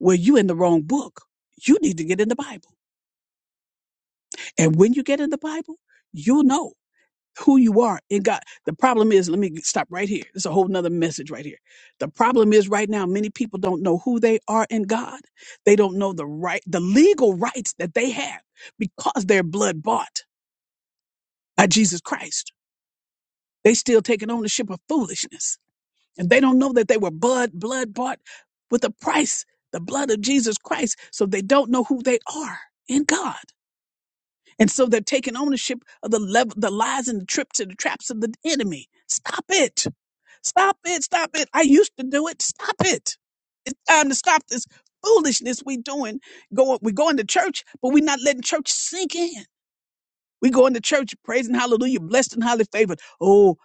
[SPEAKER 1] Well, you in the wrong book. You need to get in the Bible. And when you get in the Bible, you'll know who you are in God. The problem is, let me get- stop right here. It's a whole nother message right here. The problem is right now, many people don't know who they are in God. They don't know the right, the legal rights that they have because they're blood bought by Jesus Christ. They still taking ownership of foolishness. And they don't know that they were blood, blood bought with a price, the blood of Jesus Christ. So they don't know who they are in God. And so they're taking ownership of the level, the lies and the trips and the traps of the enemy. Stop it. Stop it. Stop it. I used to do it. Stop it. It's time to stop this foolishness we doing. Going, we going to church, but we are not letting church sink in. We going to church, praising hallelujah, blessed and highly favored. Oh,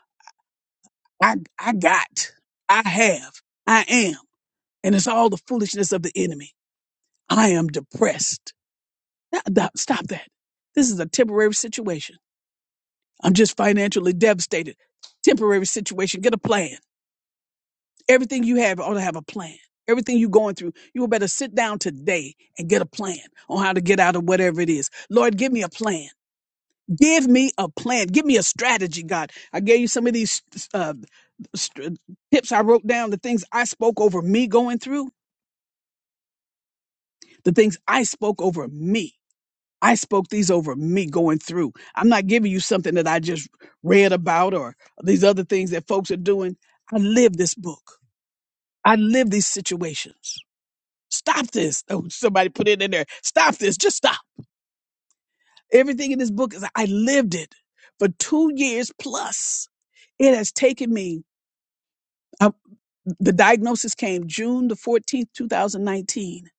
[SPEAKER 1] I, I got, I have, I am. And it's all the foolishness of the enemy. I am depressed. Now, now, Stop that. This is a temporary situation. I'm just financially devastated. Temporary situation. Get a plan. Everything you have ought to have a plan. Everything you're going through, you better sit down today and get a plan on how to get out of whatever it is. Lord, give me a plan. Give me a plan. Give me a strategy, God. I gave you some of these uh, st- tips I wrote down, the things I spoke over me going through, the things I spoke over me. I spoke these over me going through. I'm not giving you something that I just read about or these other things that folks are doing. I live this book. I live these situations. Stop this. Oh, somebody put it in there. Stop this. Just stop. Everything in this book is I lived it for two years plus. It has taken me. I, the diagnosis came June the 14th, 2019.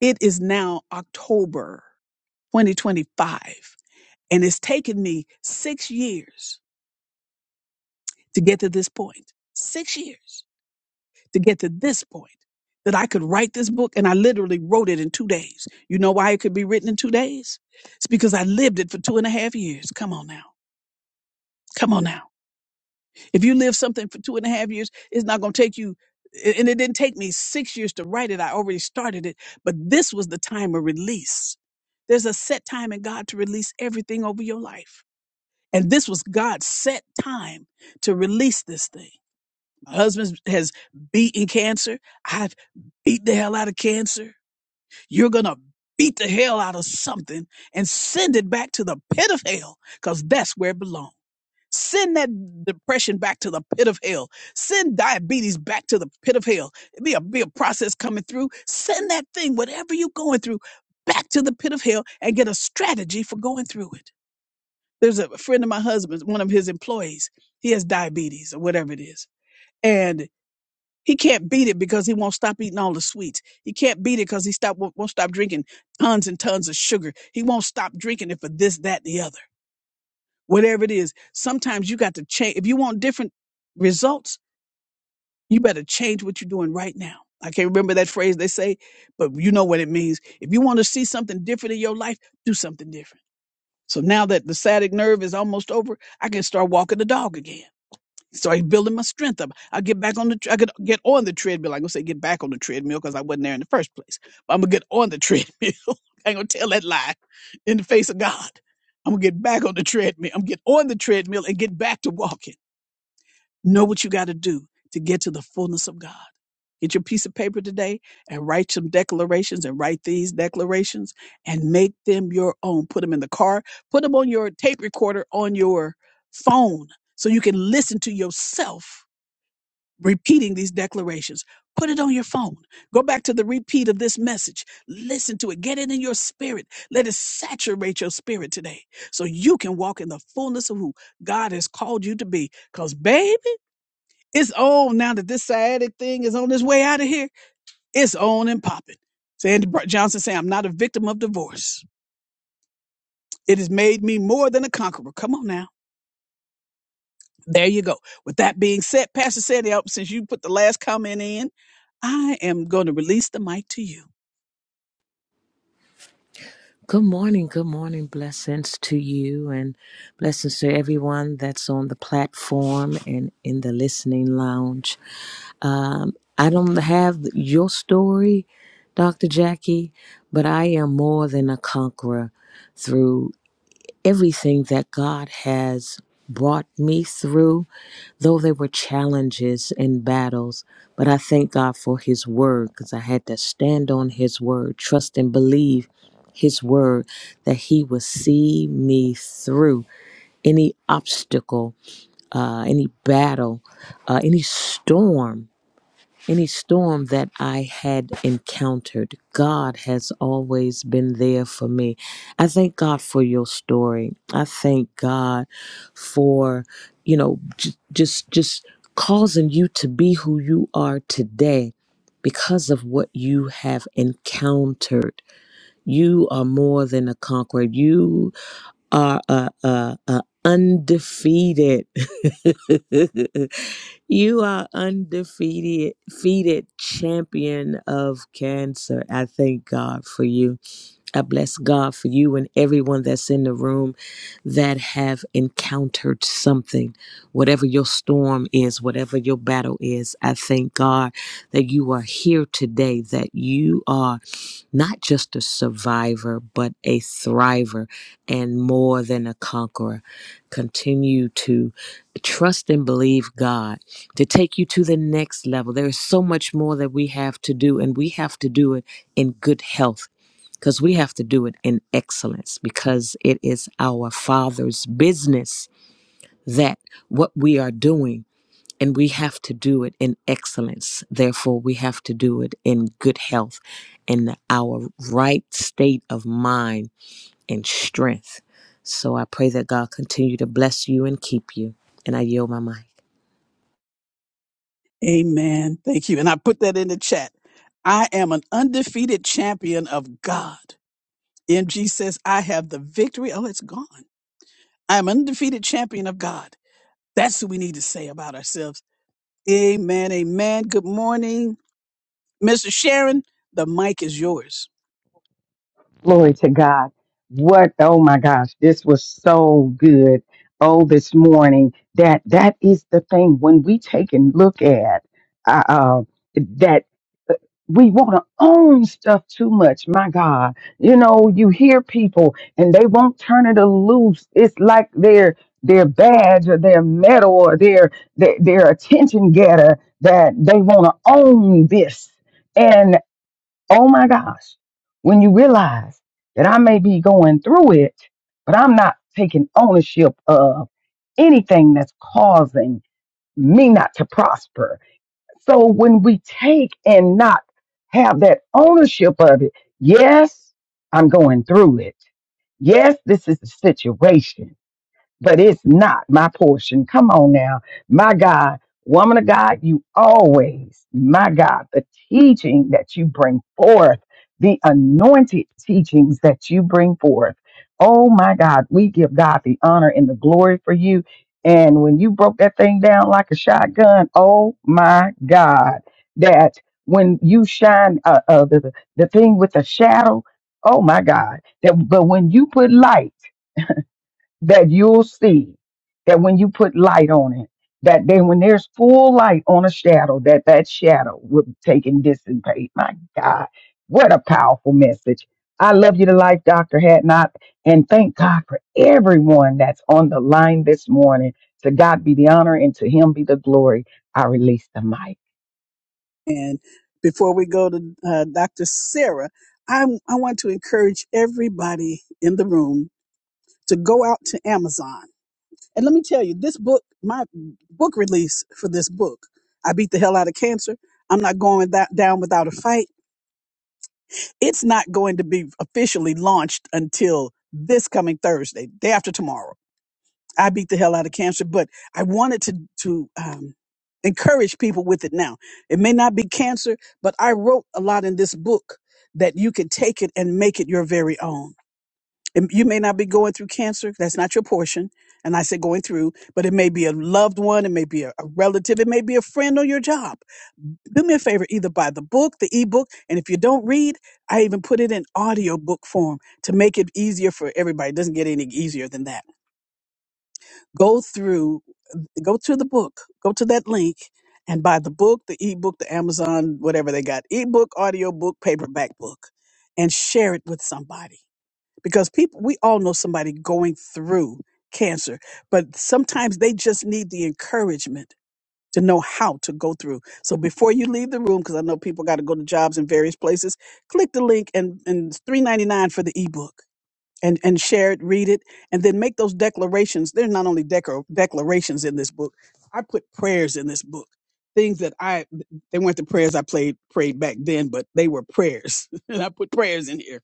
[SPEAKER 1] It is now October 2025. And it's taken me six years to get to this point. Six years to get to this point that I could write this book and I literally wrote it in two days. You know why it could be written in two days? It's because I lived it for two and a half years. Come on now. Come on now. If you live something for two and a half years, it's not going to take you. And it didn't take me six years to write it. I already started it, but this was the time of release. There's a set time in God to release everything over your life. And this was God's set time to release this thing. My husband has beaten cancer. I've beat the hell out of cancer. You're going to beat the hell out of something and send it back to the pit of hell because that's where it belongs. Send that depression back to the pit of hell. Send diabetes back to the pit of hell. It Be a, be a process coming through. Send that thing, whatever you're going through, back to the pit of hell and get a strategy for going through it. There's a friend of my husband's, one of his employees. He has diabetes or whatever it is. and he can't beat it because he won't stop eating all the sweets. He can't beat it because he stop won't stop drinking tons and tons of sugar. He won't stop drinking it for this, that, the other. Whatever it is, sometimes you got to change. If you want different results, you better change what you're doing right now. I can't remember that phrase they say, but you know what it means. If you want to see something different in your life, do something different. So now that the sciatic nerve is almost over, I can start walking the dog again started building my strength up. I get back on the, tr- I could get on the treadmill. I'm gonna say get back on the treadmill because I wasn't there in the first place. But I'm gonna get on the treadmill. I'm gonna tell that lie in the face of God. I'm gonna get back on the treadmill. I'm gonna get on the treadmill and get back to walking. Know what you got to do to get to the fullness of God. Get your piece of paper today and write some declarations and write these declarations and make them your own. Put them in the car. Put them on your tape recorder on your phone so you can listen to yourself repeating these declarations. Put it on your phone. Go back to the repeat of this message. Listen to it. Get it in your spirit. Let it saturate your spirit today so you can walk in the fullness of who God has called you to be. Because, baby, it's on now that this sciatic thing is on its way out of here. It's on and popping. Sandy Br- Johnson saying, I'm not a victim of divorce. It has made me more than a conqueror. Come on now. There you go. With that being said, Pastor Sandy, I hope since you put the last comment in, I am going to release the mic to you.
[SPEAKER 2] Good morning. Good morning. Blessings to you and blessings to everyone that's on the platform and in the listening lounge. Um, I don't have your story, Dr. Jackie, but I am more than a conqueror through everything that God has brought me through, though there were challenges and battles. But I thank God for His word because I had to stand on His word, trust and believe His word that He will see me through any obstacle, uh, any battle, uh, any storm. Any storm that I had encountered, God has always been there for me. I thank God for your story. I thank God for, you know, j- just just causing you to be who you are today because of what you have encountered. You are more than a conqueror. You are a, a, a undefeated. you are undefeated, defeated champion of cancer. I thank God for you. I bless God for you and everyone that's in the room that have encountered something, whatever your storm is, whatever your battle is. I thank God that you are here today, that you are not just a survivor, but a thriver and more than a conqueror. Continue to trust and believe God to take you to the next level. There is so much more that we have to do, and we have to do it in good health because we have to do it in excellence because it is our Father's business that what we are doing and we have to do it in excellence. Therefore, we have to do it in good health, in our right state of mind and strength. So I pray that God continue to bless you and keep you. And I yield my mic.
[SPEAKER 1] Amen. Thank you. And I put that in the chat. I am an undefeated champion of God. MG says, I have the victory. Oh, it's gone. I'm an undefeated champion of God. That's what we need to say about ourselves. Amen. Amen. Good morning, Mr. Sharon. The mic is yours.
[SPEAKER 3] Glory to God. What oh my gosh, this was so good. Oh, this morning that that is the thing when we take and look at uh, uh that uh, we want to own stuff too much. My God, you know, you hear people and they won't turn it loose. It's like their their badge or their medal or their their, their attention getter that they want to own this Oh my gosh. When you realize that I may be going through it, but I'm not taking ownership of anything that's causing me not to prosper. So when we take and not have that ownership of it, yes, I'm going through it. Yes, this is the situation but it's not my portion. Come on now. My God, woman of God, you always, my God, the teaching that you bring forth, the anointed teachings that you bring forth. Oh my God, we give God the honor and the glory for you. And when you broke that thing down like a shotgun, oh my God, that when you shine uh, uh, the, the thing with the shadow, oh my God, that but when you put light, that you'll see that when you put light on it, that then when there's full light on a shadow, that that shadow will be taken dissipate. My God, what a powerful message. I love you to life, Dr. Hatnot, and thank God for everyone that's on the line this morning. To God be the honor and to him be the glory. I release the mic.
[SPEAKER 1] And before we go to uh, Dr. Sarah, I, I want to encourage everybody in the room to go out to Amazon. And let me tell you, this book, my book release for this book, I Beat the Hell Out of Cancer. I'm not going that down without a fight. It's not going to be officially launched until this coming Thursday, day after tomorrow. I beat the hell out of cancer, but I wanted to to um, encourage people with it now. It may not be cancer, but I wrote a lot in this book that you can take it and make it your very own. And you may not be going through cancer; that's not your portion. And I say going through, but it may be a loved one, it may be a, a relative, it may be a friend or your job. Do me a favor, either buy the book, the ebook, and if you don't read, I even put it in audio book form to make it easier for everybody. It doesn't get any easier than that go through go to the book, go to that link and buy the book, the ebook, the Amazon, whatever they got, ebook, audio book, paperback book, and share it with somebody. Because people we all know somebody going through cancer, but sometimes they just need the encouragement to know how to go through. So before you leave the room, because I know people got to go to jobs in various places, click the link and, and it's three ninety nine for the ebook and and share it, read it, and then make those declarations. There's not only decor declarations in this book. I put prayers in this book. Things that I they weren't the prayers I played prayed back then, but they were prayers, and I put prayers in here.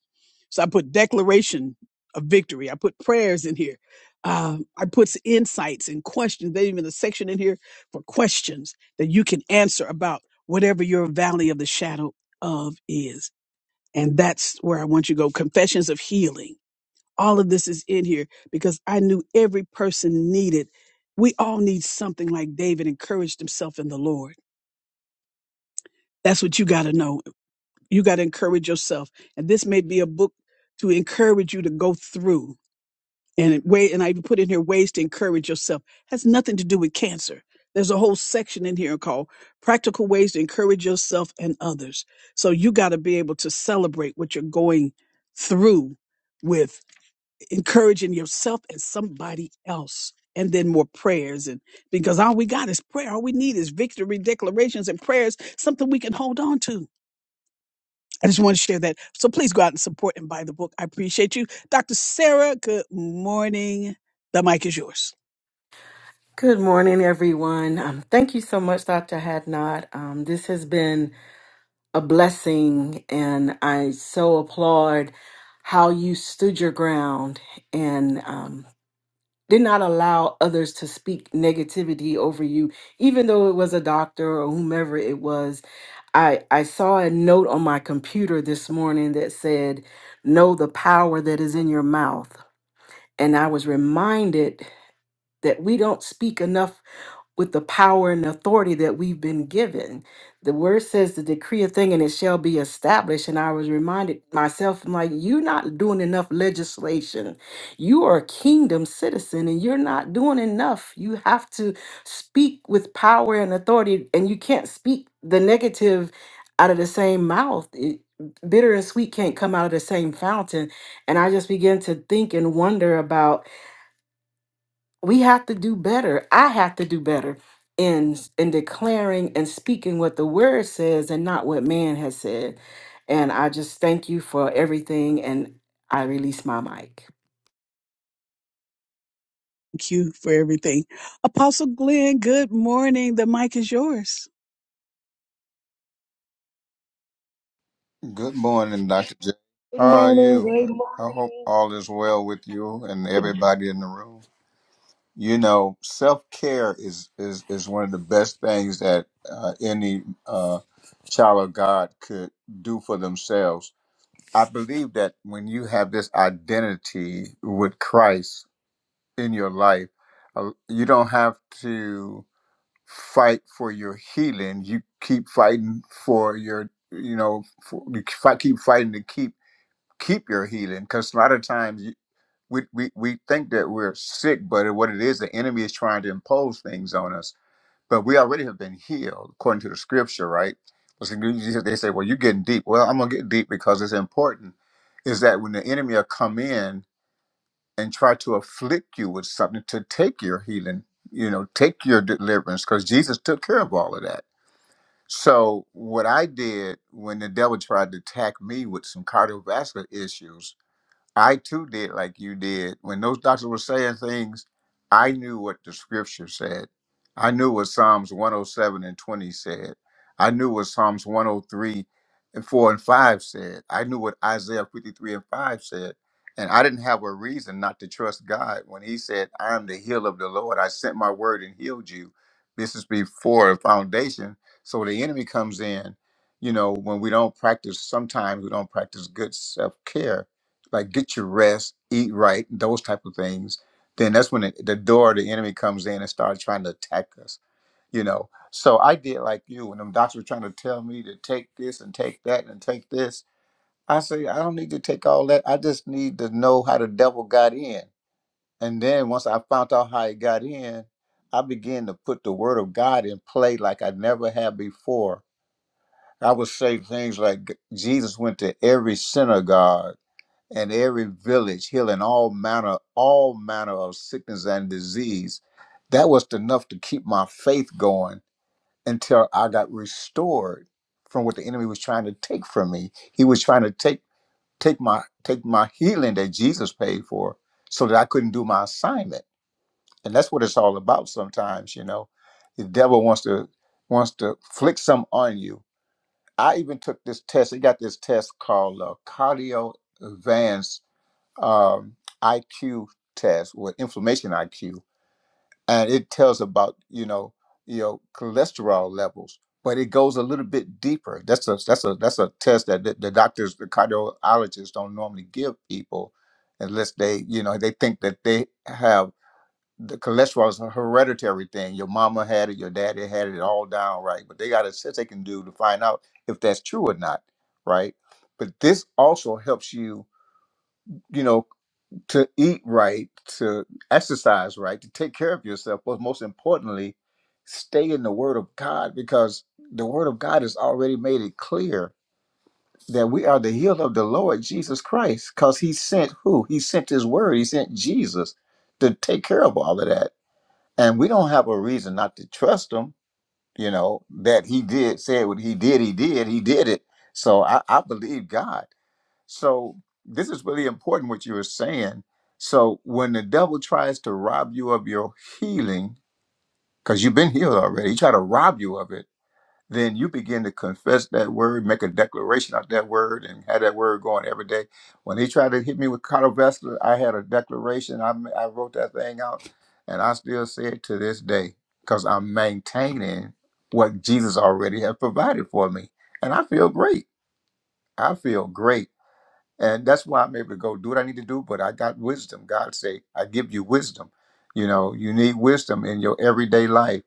[SPEAKER 1] So I put declaration of victory. I put prayers in here. Uh, I put s- insights and questions. There's even a section in here for questions that you can answer about whatever your valley of the shadow of is. And that's where I want you to go. Confessions of healing all of this is in here because I knew every person needed. We all need something like David encouraged himself in the Lord. That's what you got to know. You got to encourage yourself. And this may be a book to encourage you to go through. And it way and I even put in here ways to encourage yourself. has nothing to do with cancer. There's a whole section in here called practical ways to encourage yourself and others. So you got to be able to celebrate what you're going through with encouraging yourself and somebody else and then more prayers and because all we got is prayer all we need is victory declarations and prayers something we can hold on to i just want to share that so please go out and support and buy the book i appreciate you dr sarah good morning the mic is yours
[SPEAKER 4] Good morning, everyone. Um, thank you so much, Dr. Hadnot. Um, this has been a blessing, and I so applaud how you stood your ground and um, did not allow others to speak negativity over you, even though it was a doctor or whomever it was. I, I saw a note on my computer this morning that said, Know the power that is in your mouth. And I was reminded that we don't speak enough with the power and authority that we've been given. The word says to decree a thing and it shall be established. And I was reminded myself, I'm like, you're not doing enough legislation. You are a kingdom citizen and you're not doing enough. You have to speak with power and authority, and you can't speak the negative out of the same mouth. It- bitter and sweet can't come out of the same fountain. And I just began to think and wonder about we have to do better. I have to do better in in declaring and speaking what the word says and not what man has said. And I just thank you for everything and I release my mic.
[SPEAKER 1] Thank you for everything. Apostle Glenn, good morning. The mic is yours.
[SPEAKER 5] Good morning, Dr. J.
[SPEAKER 6] Good
[SPEAKER 5] How are
[SPEAKER 6] morning,
[SPEAKER 5] you?
[SPEAKER 6] great
[SPEAKER 5] I hope
[SPEAKER 6] morning.
[SPEAKER 5] all is well with you and everybody in the room. You know, self care is, is is one of the best things that uh, any uh, child of God could do for themselves. I believe that when you have this identity with Christ in your life, uh, you don't have to fight for your healing. You keep fighting for your, you know, for, you fi- keep fighting to keep keep your healing because a lot of times you, we, we, we think that we're sick, but what it is, the enemy is trying to impose things on us. But we already have been healed according to the scripture, right? But They say, well, you're getting deep. Well, I'm going to get deep because it's important. Is that when the enemy will come in and try to afflict you with something to take your healing, you know, take your deliverance, because Jesus took care of all of that. So what I did when the devil tried to attack me with some cardiovascular issues, I too did like you did. When those doctors were saying things, I knew what the scripture said. I knew what Psalms 107 and 20 said. I knew what Psalms 103 and 4 and 5 said. I knew what Isaiah 53 and 5 said. And I didn't have a reason not to trust God when He said, I am the heel of the Lord. I sent my word and healed you. This is before a foundation. So the enemy comes in. You know, when we don't practice, sometimes we don't practice good self care like get your rest, eat right, those type of things, then that's when the, the door, the enemy comes in and starts trying to attack us, you know. So I did like you when them doctors were trying to tell me to take this and take that and take this. I say, I don't need to take all that. I just need to know how the devil got in. And then once I found out how he got in, I began to put the word of God in play like I never had before. I would say things like Jesus went to every synagogue and every village, healing all manner, all manner of sickness and disease. That was enough to keep my faith going until I got restored from what the enemy was trying to take from me. He was trying to take take my take my healing that Jesus paid for, so that I couldn't do my assignment. And that's what it's all about. Sometimes, you know, the devil wants to wants to flick some on you. I even took this test. They got this test called uh, cardio advanced um, IQ test with inflammation IQ, and it tells about you know you know cholesterol levels, but it goes a little bit deeper. That's a that's a that's a test that the, the doctors, the cardiologists don't normally give people unless they you know they think that they have the cholesterol is a hereditary thing. Your mama had it, your daddy had it, all down right. But they got a test they can do to find out if that's true or not, right? But this also helps you, you know, to eat right, to exercise right, to take care of yourself, but most importantly, stay in the Word of God because the Word of God has already made it clear that we are the heel of the Lord Jesus Christ because He sent who? He sent His Word, He sent Jesus to take care of all of that. And we don't have a reason not to trust Him, you know, that He did, said what He did, He did, He did it. So I, I believe God. So this is really important what you were saying. So when the devil tries to rob you of your healing, because you've been healed already, he try to rob you of it, then you begin to confess that word, make a declaration of that word, and have that word going every day. When he tried to hit me with cardiovascular, I had a declaration. I, I wrote that thing out, and I still say it to this day because I'm maintaining what Jesus already has provided for me, and I feel great. I feel great and that's why I'm able to go do what I need to do. But I got wisdom. God say, I give you wisdom. You know, you need wisdom in your everyday life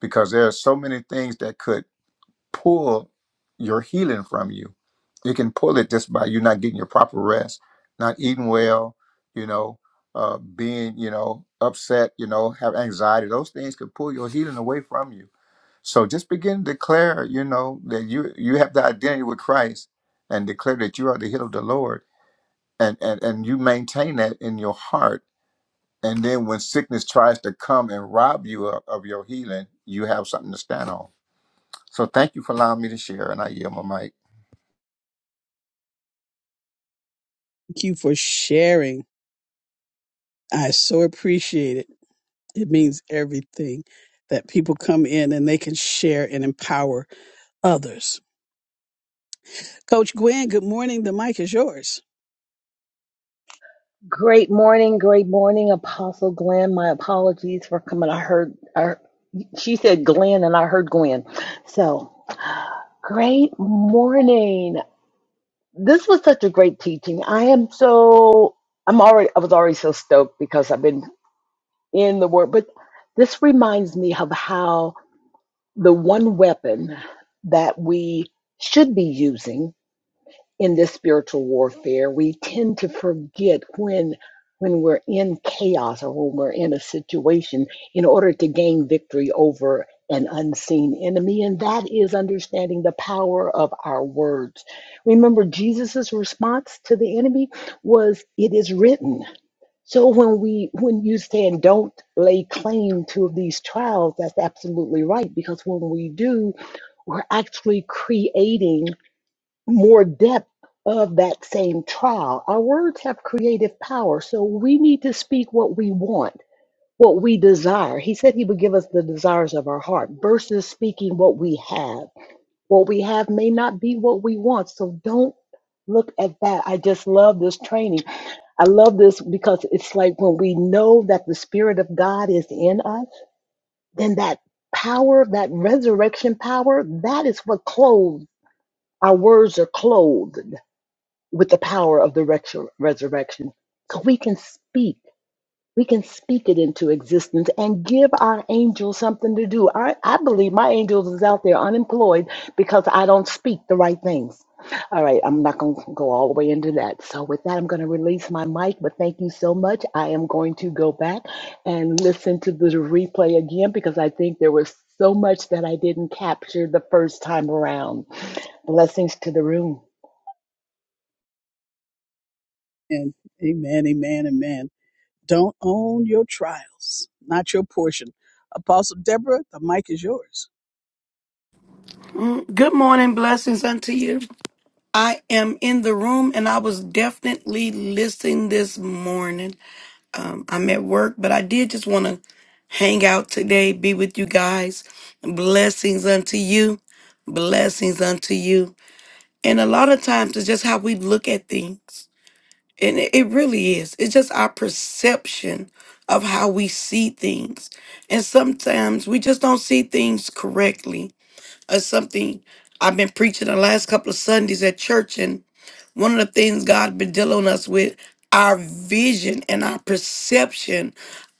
[SPEAKER 5] because there are so many things that could pull your healing from you. It can pull it just by you not getting your proper rest, not eating well. You know, uh, being you know upset. You know, have anxiety. Those things could pull your healing away from you. So just begin to declare, you know, that you you have the identity with Christ, and declare that you are the healed of the Lord and and and you maintain that in your heart and then when sickness tries to come and rob you of, of your healing you have something to stand on so thank you for allowing me to share and i yield my mic
[SPEAKER 1] Thank you for sharing. I so appreciate it. It means everything that people come in and they can share and empower others. Coach Gwen, good morning. The mic is yours.
[SPEAKER 6] Great morning, great morning, Apostle Glenn. My apologies for coming. I heard, I, she said Glenn and I heard Gwen. So, great morning. This was such a great teaching. I am so, I'm already, I was already so stoked because I've been in the Word, but this reminds me of how the one weapon that we should be using in this spiritual warfare we tend to forget when when we're in chaos or when we're in a situation in order to gain victory over an unseen enemy and that is understanding the power of our words remember jesus's response to the enemy was it is written so when we when you stand don't lay claim to these trials that's absolutely right because when we do we're actually creating more depth of that same trial. Our words have creative power, so we need to speak what we want, what we desire. He said he would give us the desires of our heart versus speaking what we have. What we have may not be what we want, so don't look at that. I just love this training. I love this because it's like when we know that the Spirit of God is in us, then that power, that resurrection power, that is what clothes. Our words are clothed with the power of the retro- resurrection. So we can speak. We can speak it into existence and give our angels something to do. I, I believe my angels is out there unemployed because I don't speak the right things. All right, I'm not going to go all the way into that. So with that, I'm going to release my mic, but thank you so much. I am going to go back and listen to the replay again because I think there was so much that I didn't capture the first time around. Blessings to the room.
[SPEAKER 1] And amen, amen, amen. Don't own your trials, not your portion. Apostle Deborah, the mic is yours.
[SPEAKER 7] Mm, Good morning, blessings unto you. I am in the room and I was definitely listening this morning. Um, I'm at work, but I did just want to hang out today, be with you guys. Blessings unto you, blessings unto you. And a lot of times it's just how we look at things, and it it really is. It's just our perception of how we see things. And sometimes we just don't see things correctly or something. I've been preaching the last couple of Sundays at church, and one of the things God has been dealing us with our vision and our perception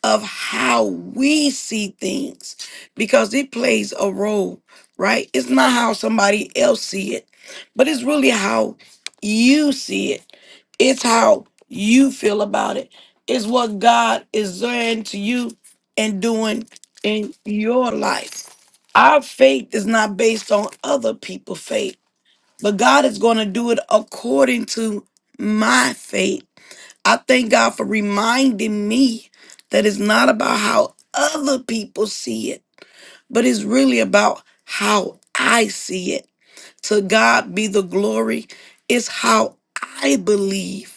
[SPEAKER 7] of how we see things, because it plays a role, right? It's not how somebody else see it, but it's really how you see it it's how you feel about it. It's what God is doing to you and doing in your life. Our faith is not based on other people's faith, but God is going to do it according to my faith. I thank God for reminding me that it's not about how other people see it, but it's really about how I see it. To God be the glory. It's how I believe.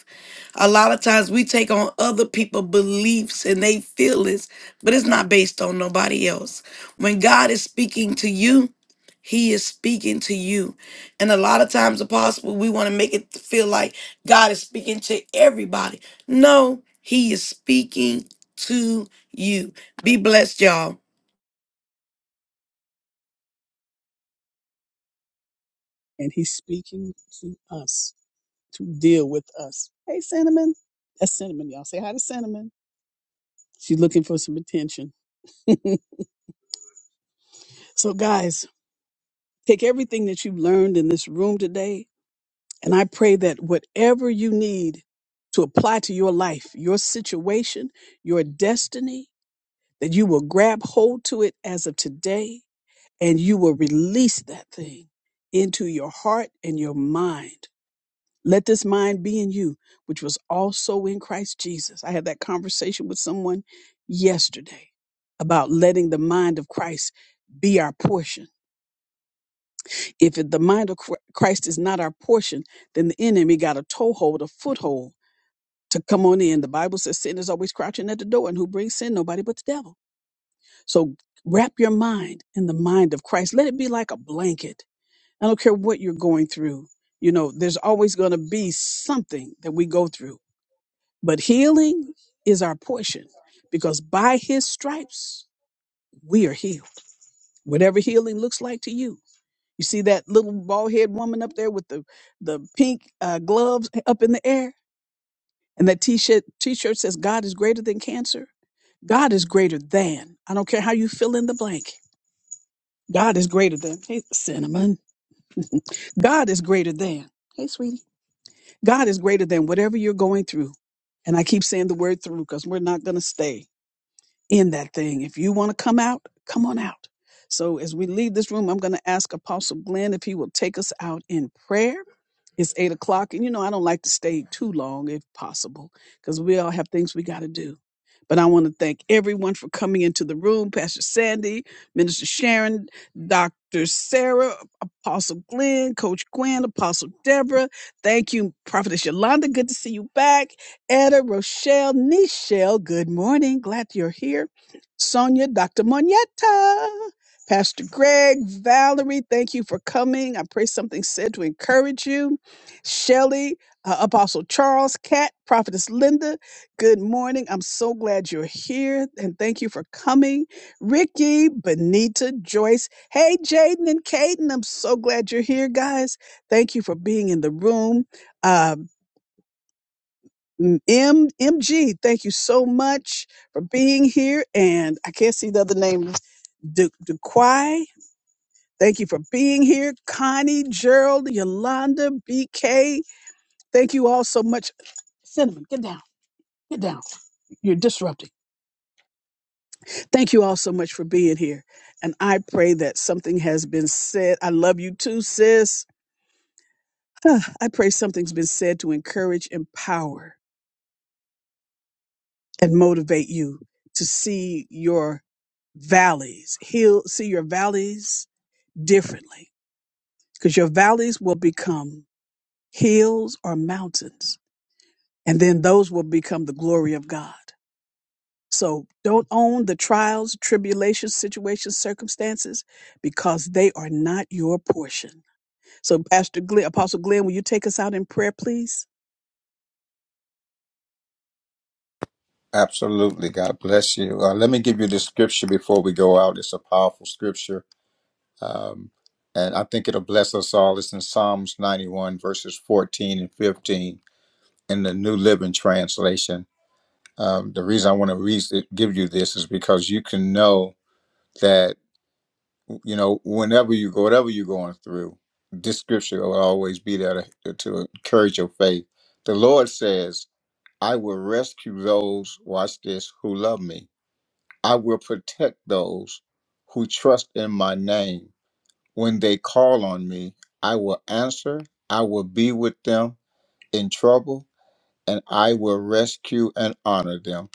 [SPEAKER 7] A lot of times we take on other people's beliefs and they feelings, but it's not based on nobody else. When God is speaking to you, he is speaking to you. And a lot of times, apostle, we want to make it feel like God is speaking to everybody. No, he is speaking to you. Be blessed, y'all.
[SPEAKER 1] and he's speaking to us to deal with us. Hey, Cinnamon. That's Cinnamon, y'all. Say hi to Cinnamon. She's looking for some attention. so, guys, take everything that you've learned in this room today And I pray that whatever you need to apply to your life, your situation, your destiny, that you will grab hold to it as of today and you will release that thing into your heart and your mind. Let this mind be in you, which was also in Christ Jesus. I had that conversation with someone yesterday about letting the mind of Christ be our portion. If it- the mind of Chr- Christ is not our portion, then the enemy got a toehold, a foothold to come on in. The Bible says sin is always crouching at the door, and who brings sin? Nobody but the devil. So wrap your mind in the mind of Christ. Let it be like a blanket. I don't care what you're going through. You know, there's always going to be something that we go through, but healing is our portion because by his stripes, we are healed. Whatever healing looks like to you. You see that little bald head woman up there with the, the pink uh, gloves up in the air? And that t-shirt t-shirt says God is greater than cancer. God is greater than. I don't care how you fill in the blank. God is greater than. Hey, cinnamon. God is greater than. Hey, sweetie. God is greater than whatever you're going through. And I keep saying the word through because we're not going to stay in that thing. If you want to come out, come on out. So as we leave this room, I'm going to ask Apostle Glenn if he will take us out in prayer. It's eight o'clock, and you know I don't like to stay too long if possible, because we all have things we got to do. But I want to thank everyone for coming into the room, Pastor Sandy, Minister Sharon, Dr. Sarah, Apostle Glenn, Coach Gwen, Apostle Deborah. Thank you, Prophetess Yolanda. Good to see you back. Etta, Rochelle, Nichelle, good morning. Glad you're here. Sonia, Dr. Monietta, Pastor Greg, Valerie, thank you for coming. I pray something said to encourage you. Shelley, uh, Apostle Charles, Kat, Prophetess Linda, good morning. I'm so glad you're here and thank you for coming. Ricky, Benita, Joyce, hey, Jaden and Caden, I'm so glad you're here, guys. Thank you for being in the room. Uh, M- M- MG, thank you so much for being here. And I can't see the other name, Du- Duquai. Thank you for being here. Connie, Gerald, Yolanda, BK. Thank you all so much. Cinnamon, get down, get down. You're disrupting. Thank you all so much for being here. And I pray that something has been said. I love you too, sis. I pray something's been said to encourage, empower and motivate you to see your valleys, heal, see your valleys differently because your valleys will become hills or mountains, and then those will become the glory of God. So don't own the trials, tribulations, situations, circumstances because they are not your portion. So Pastor Glenn, Apostle Glenn, will you take us out in prayer, please?
[SPEAKER 5] absolutely god bless you uh, let me give you the scripture before we go out it's a powerful scripture um, and i think it'll bless us all it's in psalms 91 verses 14 and 15 in the new living translation um, the reason i want to read give you this is because you can know that. you know, whenever you go, whatever you're going through, this scripture will always be there to, to encourage your faith. The Lord says, I will rescue those, watch this, who love me. I will protect those who trust in my name. When they call on me, I will answer, I will be with them in trouble, and I will rescue and honor them.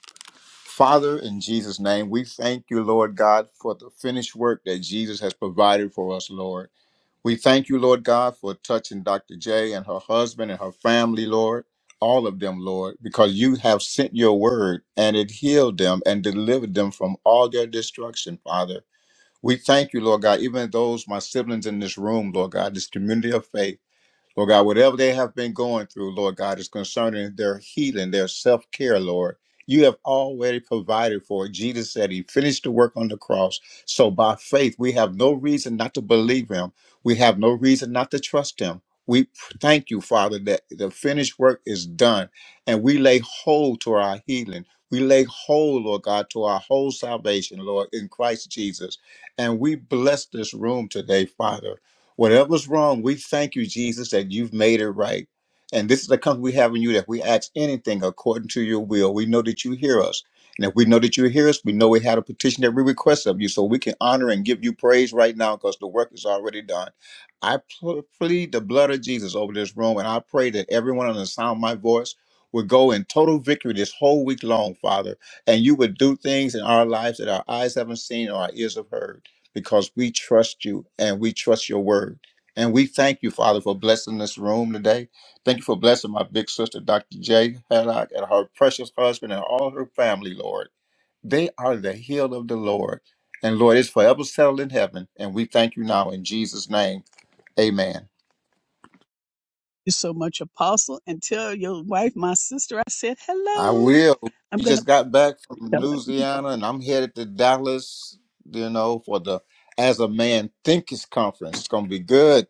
[SPEAKER 5] Father, in Jesus' name, we thank you, Lord God, for the finished work that Jesus has provided for us, Lord. We thank you, Lord God, for touching Dr. J and her husband and her family, Lord, all of them, Lord, because you have sent your word and it healed them and delivered them from all their destruction, Father. We thank you, Lord God, even those, my siblings in this room, Lord God, this community of faith. Lord God, whatever they have been going through, Lord God, is concerning their healing, their self care, Lord. You have already provided for it. Jesus said he finished the work on the cross. So by faith, we have no reason not to believe him. We have no reason not to trust him. We thank you, Father, that the finished work is done and we lay hold to our healing. We lay hold, Lord God, to our whole salvation, Lord, in Christ Jesus. And we bless this room today, Father. Whatever's wrong, we thank you, Jesus, that you've made it right. And this is the comfort we have in you that we ask anything according to your will. We know that you hear us. And if we know that you hear us, we know we had a petition that we request of you. So we can honor and give you praise right now because the work is already done. I pl- plead the blood of Jesus over this room, and I pray that everyone on the sound of my voice would go in total victory this whole week long, Father. And you would do things in our lives that our eyes haven't seen or our ears have heard because we trust you and we trust your word. And we thank you, Father, for blessing this room today. Thank you for blessing my big sister, Dr. J. Haddock, and her precious husband and all her family, Lord. They are the healed of the Lord. And Lord, it's forever settled in heaven. And we thank you now in Jesus' name. Amen.
[SPEAKER 1] Thank you so much, Apostle, and tell your wife, my sister, I said
[SPEAKER 5] I
[SPEAKER 1] hello.
[SPEAKER 5] will.
[SPEAKER 1] I'm
[SPEAKER 5] We
[SPEAKER 1] gonna.
[SPEAKER 5] just got back from Louisiana and I'm headed to Dallas, you know, for the As a Man Thinkers Conference. It's going to be good.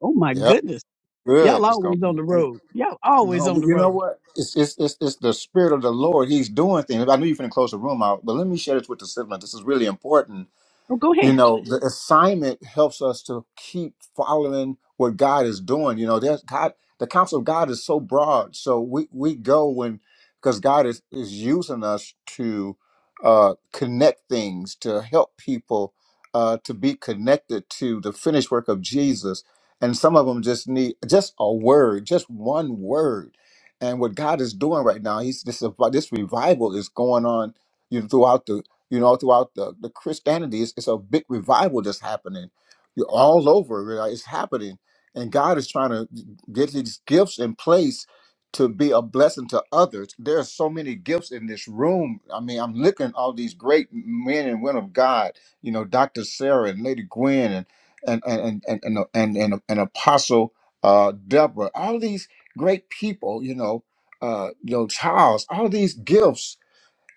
[SPEAKER 1] Oh my
[SPEAKER 5] Yep,
[SPEAKER 1] goodness.
[SPEAKER 5] good.
[SPEAKER 1] Y'all
[SPEAKER 5] It's going
[SPEAKER 1] always
[SPEAKER 5] to
[SPEAKER 1] on
[SPEAKER 5] be
[SPEAKER 1] the
[SPEAKER 5] good.
[SPEAKER 1] road. Y'all always
[SPEAKER 5] No,
[SPEAKER 1] on
[SPEAKER 5] but
[SPEAKER 1] the
[SPEAKER 5] you know
[SPEAKER 1] road.
[SPEAKER 5] what? It's it's it's, it's the spirit of the Lord. He's doing things. I knew you finna close the room out, but let me share this with the siblings. This is really important
[SPEAKER 1] Oh, go
[SPEAKER 5] you
[SPEAKER 1] ahead.
[SPEAKER 5] know the assignment helps us to keep following what god is doing you know there's god the counsel of god is so broad so we we go when because god is is using us to uh connect things to help people uh to be connected to the finished work of jesus and some of them just need just a word just one word and what god is doing right now he's this this revival is going on you know, throughout you know, throughout the, the Christianity. It's, it's a big revival that's happening You're all over. you know, It's happening. And God is trying to get these gifts in place to be a blessing to others. There are so many gifts in this room. I mean, I'm looking at all these great men and women of God, you know, Dr. Sarah and Lady Gwen and and and and and and, and, and Apostle uh, Deborah, all these great people, you know, uh, you know, Charles, all these gifts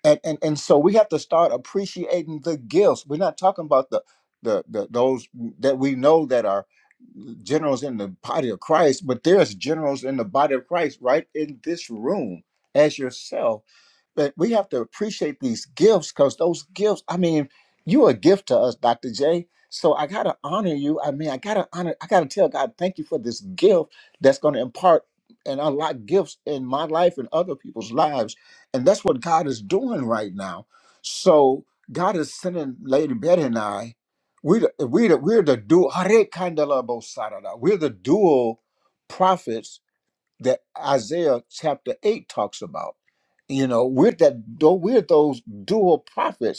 [SPEAKER 5] and and and so we have to start appreciating the gifts. We're not talking about the the, the those that we know that are generals in the body of Christ, but there's generals in the body of Christ right in this room as yourself but we have to appreciate these gifts because those gifts i mean you're a gift to us dr j so i gotta honor you i mean i gotta honor i gotta tell god thank you for this gift that's gonna impart and unlock gifts in my life and other people's lives and that's what god is doing right now so god is sending lady betty and i we the- we the- we're the dual we're the dual prophets that Isaiah chapter 8 talks about. You know, we're that though we're those dual prophets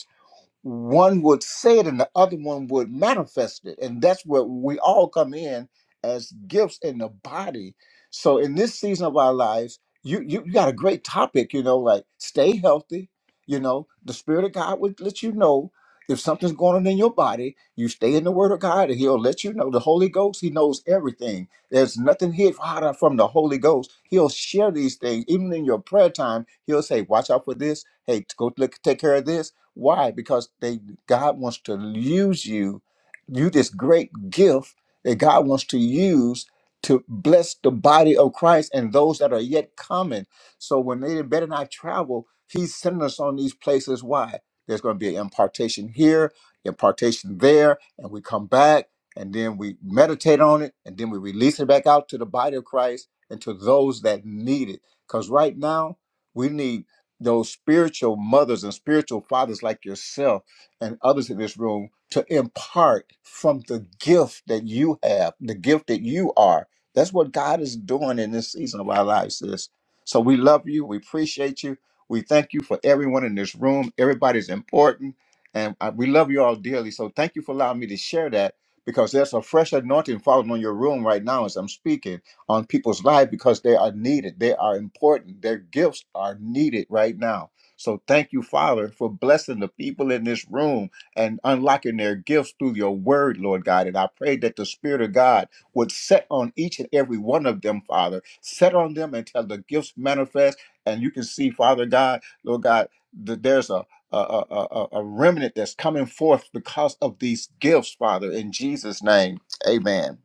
[SPEAKER 5] one would say it and the other one would manifest it. And that's where we all come in as gifts in the body. So in this season of our lives, you you, you got a great topic, you know, like stay healthy. You know, the spirit of God would let you know if something's going on in your body, you stay in the word of God and he'll let you know. The Holy Ghost, he knows everything. There's nothing hid harder from the Holy Ghost. He'll share these things. Even in your prayer time, he'll say, watch out for this. Hey, go look, take care of this why? Because they God wants to use you, you this great gift that God wants to use to bless the body of Christ and those that are yet coming. So when they better not travel, He's sending us on these places. Why? There's going to be an impartation here, impartation there, and we come back and then we meditate on it and then we release it back out to the body of Christ and to those that need it. Because right now we need those spiritual mothers and spiritual fathers like yourself and others in this room to impart from the gift that you have, the gift that you are. That's what God is doing in this season of our lives, sis. So we love you. We appreciate you. We thank you for everyone in this room. Everybody's important. And I- we love you all dearly. So thank you for allowing me to share that because there's a fresh anointing falling on your room right now as I'm speaking on people's life because they are needed. They are important. Their gifts are needed right now. So thank you, Father, for blessing the people in this room and unlocking their gifts through your word, Lord God. And I pray that the Spirit of God would set on each and every one of them, Father. Set on them until the gifts manifest. And you can see, Father God, Lord God, that there's a a, a, a a remnant that's coming forth because of these gifts, Father, in Jesus' name. Amen.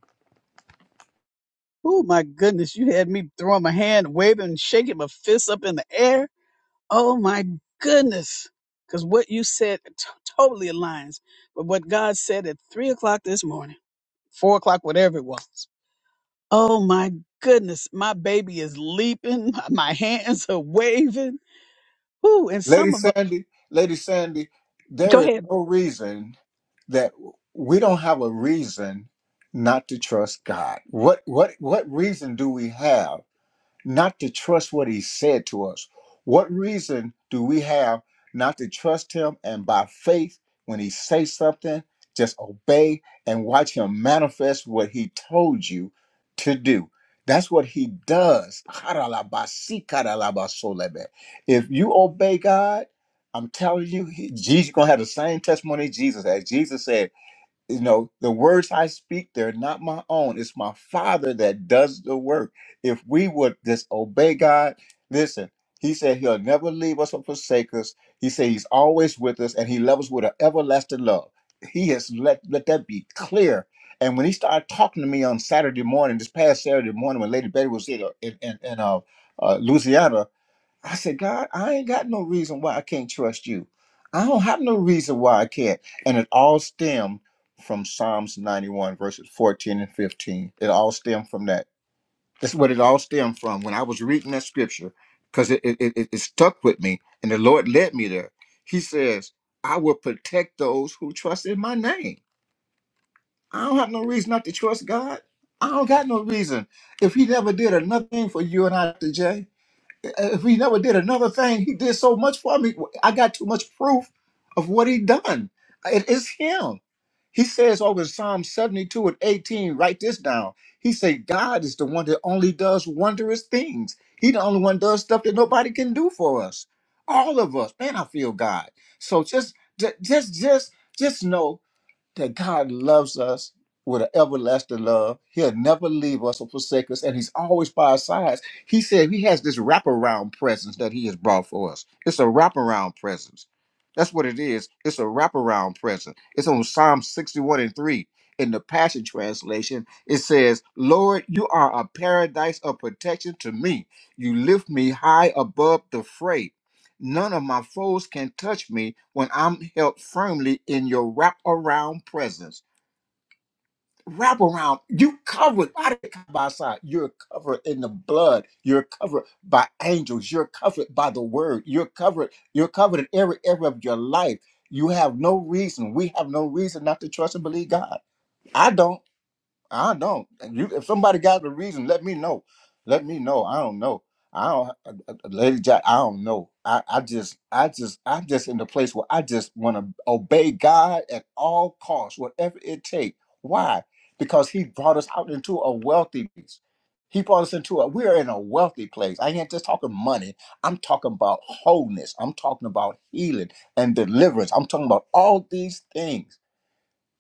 [SPEAKER 1] Oh my goodness. You had me throwing my hand, waving, shaking my fists up in the air. Oh my goodness. Because what you said t- totally aligns with what God said at three o'clock this morning, four o'clock, whatever it was. Oh my goodness. My baby is leaping. My my hands are waving. Ooh, and
[SPEAKER 5] Lady
[SPEAKER 1] some of us.
[SPEAKER 5] Sandy, Lady Sandy,
[SPEAKER 1] Go
[SPEAKER 5] there is
[SPEAKER 1] ahead.
[SPEAKER 5] no reason that we don't have a reason not to trust God. What what what reason do we have not to trust what he said to us. What reason do we have not to trust him and by faith when he says something, just obey and watch him manifest what he told you to do. That's what he does. Haralabasikaralabasolebe. If you obey God, I'm telling you, he- Jesus gonna have the same testimony Jesus had. Jesus said, you know the words i speak they're not my own it's my father that does the work if we would just obey god listen he said he'll never leave us or forsake us he said he's always with us and he loves us with an everlasting love he has let let that be clear and when he started talking to me on saturday morning this past saturday morning when lady betty was here in, in, in uh, uh, louisiana I said, God, I ain't got no reason why I can't trust you. I don't have no reason why I can't. And it all stemmed from Psalms 91, verses 14 and 15. It all stemmed from that. That's what it all stemmed from when I was reading that scripture, because it, it, it, it stuck with me, and the Lord led me there. He says, I will protect those who trust in my name. I don't have no reason not to trust God. I don't got no reason. If he never did another thing for you and I, Jay uh, if he never did another thing, he did so much for me. I got too much proof of what he done. It is him. He says over in Psalm 72 and 18, write this down. He said, God is the one that only does wondrous things. He the only one does stuff that nobody can do for us. All of us. Man, I feel God. So just ju- just just just know that God loves us with an everlasting love. He'll never leave us or forsake us, and He's always by our sides. He said He has this wraparound presence that He has brought for us. It's a wraparound presence. That's what it is. It's a wraparound presence. It's on Psalm 61 and 3. In the Passion Translation, it says, Lord, you are a paradise of protection to me. You lift me high above the fray. None of my foes can touch me when I'm held firmly in your wraparound presence. Wrap around, you covered by the by side. You're covered in the blood. You're covered by angels. You're covered by the word. You're covered. You're covered in every area of your life. You have no reason. We have no reason not to trust and believe God. I don't. I don't. You, if somebody got the reason, let me know. Let me know. I don't know. I don't, uh, uh, uh, Lady Jack. I don't know. I, I just, I just, I'm just in the place where I just want to obey God at all costs, whatever it takes. Why? Because He brought us out into a wealthy place. He brought us into a. We are in a wealthy place. I ain't just talking money. I'm talking about wholeness. I'm talking about healing and deliverance. I'm talking about all these things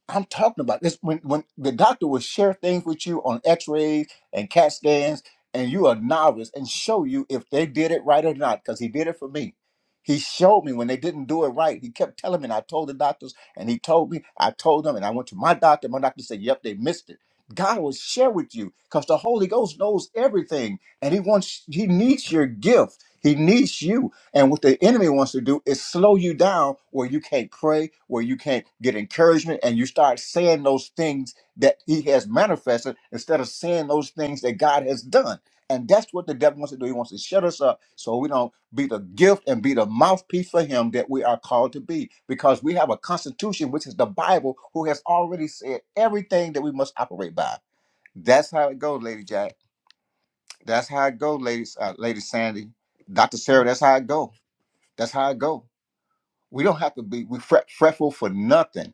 [SPEAKER 5] I'm talking about this when when the doctor will share things with you on X-rays and CAT scans, and you are novice and show you if they did it right or not, because he did it for me. He showed me when they didn't do it right. He kept telling me, and I told the doctors, and he told me, I told them, and I went to my doctor. My doctor said, "Yep, they missed it." God will share with you because the Holy Ghost knows everything, and He wants He needs your gift. He needs you. And what the enemy wants to do is slow you down where you can't pray, where you can't get encouragement, and you start saying those things that he has manifested instead of saying those things that God has done. And that's what the devil wants to do. He wants to shut us up so we don't be the gift and be the mouthpiece for him that we are called to be. Because we have a constitution, which is the Bible, who has already said everything that we must operate by. That's how it goes, Lady Jack. That's how it goes, ladies, uh, Lady Sandy. Dr. Sarah, that's how it goes. That's how it go. We don't have to be we fret, fretful for nothing.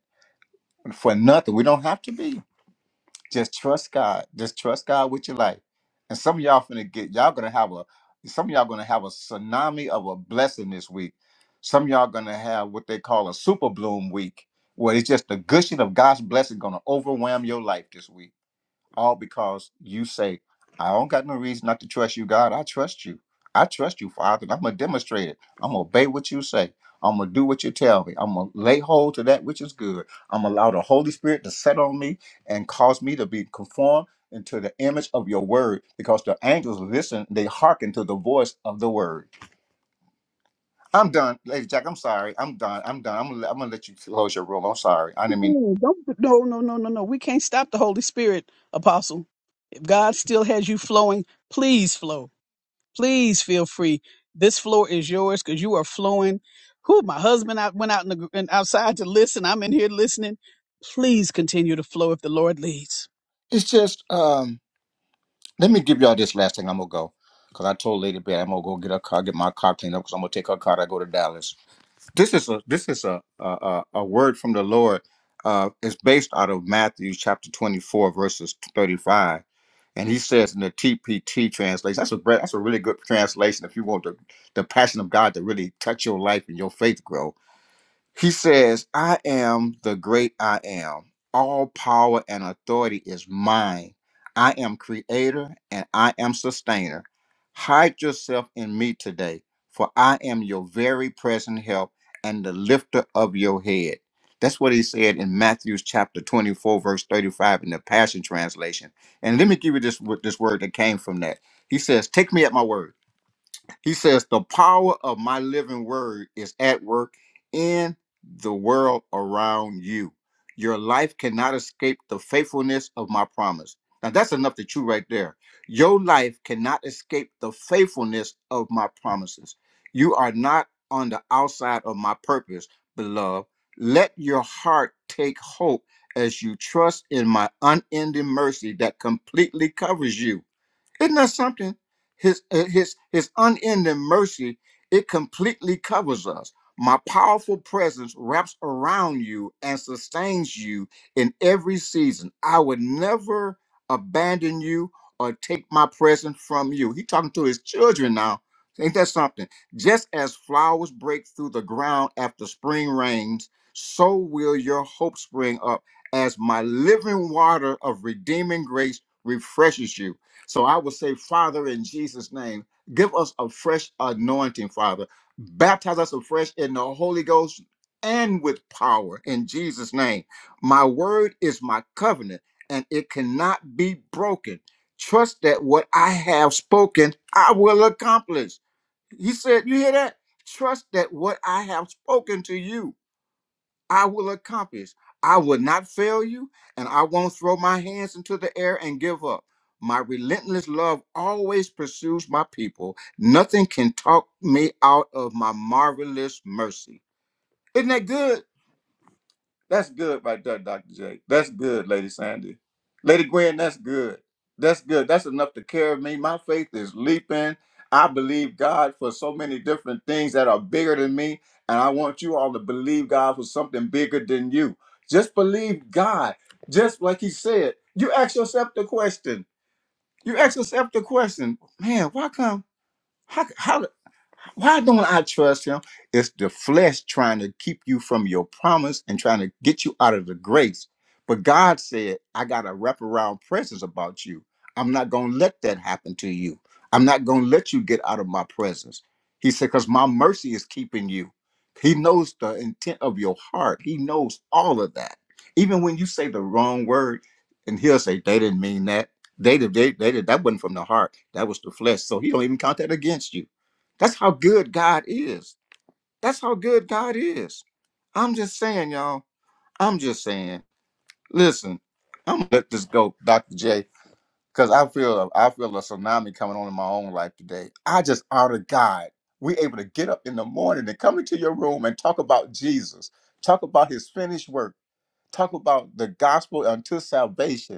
[SPEAKER 5] For nothing. We don't have to be. Just trust God. Just trust God with your life. And some of y'all finna get y'all gonna have a some of y'all gonna have a tsunami of a blessing this week. Some of y'all gonna have what they call a super bloom week, where it's just the gushing of God's blessing gonna overwhelm your life this week all because you say, I don't got no reason not to trust you, God. I trust you. I trust you, Father. And I'm going to demonstrate it. I'm going to obey what you say. I'm going to do what you tell me. I'm going to lay hold to that which is good. I'm going to allow the Holy Spirit to set on me and cause me to be conformed into the image of your word because the angels listen, they hearken to the voice of the word. I'm done. Lady Jack, I'm sorry. I'm done. I'm done. I'm gonna- I'm going to let you close your room. I'm sorry. I didn't mean.
[SPEAKER 1] Mm-mm, Don't, no, no, no, no, no. We can't stop the Holy Spirit, Apostle. If God still has you flowing, please flow. Please feel free. This floor is yours because you are flowing. Who? My husband out went out in the gr- and outside to listen. I'm in here listening. Please continue to flow if the Lord leads.
[SPEAKER 5] It's just um. Let me give y'all this last thing. I'm gonna go because I told Lady Bear I'm gonna go get her car, get my car cleaned up because I'm gonna take her car. I go to Dallas. This is a this is a a, a a word from the Lord. Uh, it's based out of Matthew chapter 24 verses 35, and He says in the TPT translation. That's a bre- that's a really good translation if you want the the passion of God to really touch your life and your faith grow. He says, I am the great I am. All power and authority is mine. I am creator and I am sustainer. Hide yourself in me today, for I am your very present help and the lifter of your head. That's what he said in Matthew chapter 24, verse 35 in the Passion Translation. And let me give you this, wo- this word that came from that. He says, Take me at my word. He says, The power of my living word is at work in the world around you. Your life cannot escape the faithfulness of my promise. Now, that's enough to chew right there. Your life cannot escape the faithfulness of my promises. You are not on the outside of my purpose, beloved. Let your heart take hope as you trust in my unending mercy that completely covers you. Isn't that something? His uh, his his unending mercy it completely covers us. My powerful presence wraps around you and sustains you in every season. I would never abandon you or take my presence from you. He talking to his children now. Ain't that something? Just as flowers break through the ground after spring rains, so will your hope spring up as my living water of redeeming grace refreshes you. So I would say, Father, in Jesus' name, give us a fresh anointing, Father. Baptize us afresh in the Holy Ghost and with power in Jesus' name. My word is my covenant, and it cannot be broken. Trust that what I have spoken, I will accomplish. He said, You hear that? Trust that what I have spoken to you. I will accomplish. I will not fail you, and I won't throw my hands into the air and give up. My relentless love always pursues my people. Nothing can talk me out of my marvelous mercy. Isn't that good? That's good right there, Dr. J. That's good, Lady Sandy. Lady Gwen, that's good. That's good. That's enough to carry me. My faith is leaping. I believe God for so many different things that are bigger than me. And I want you all to believe God for something bigger than you. Just believe God. Just like He said, you ask yourself the question. You ask yourself the question, man, why come? How? How? Why don't I trust him? It's the flesh trying to keep you from your promise and trying to get you out of the grace. But God said, I got a wraparound presence about you. I'm not going to let that happen to you. I'm not going to let you get out of my presence. He said, because my mercy is keeping you. He knows the intent of your heart, He knows all of that. Even when you say the wrong word, and He'll say, they didn't mean that. They did, they, they did, that wasn't from the heart. That was the flesh. So He don't even count that against you. That's how good God is. That's how good God is. I'm just saying, y'all. I'm just saying. Listen, I'm gonna let this go, Dr. J, because I feel I feel a tsunami coming on in my own life today. I just honor God. We able to get up in the morning and come into your room and talk about Jesus, talk about his finished work, talk about the gospel unto salvation.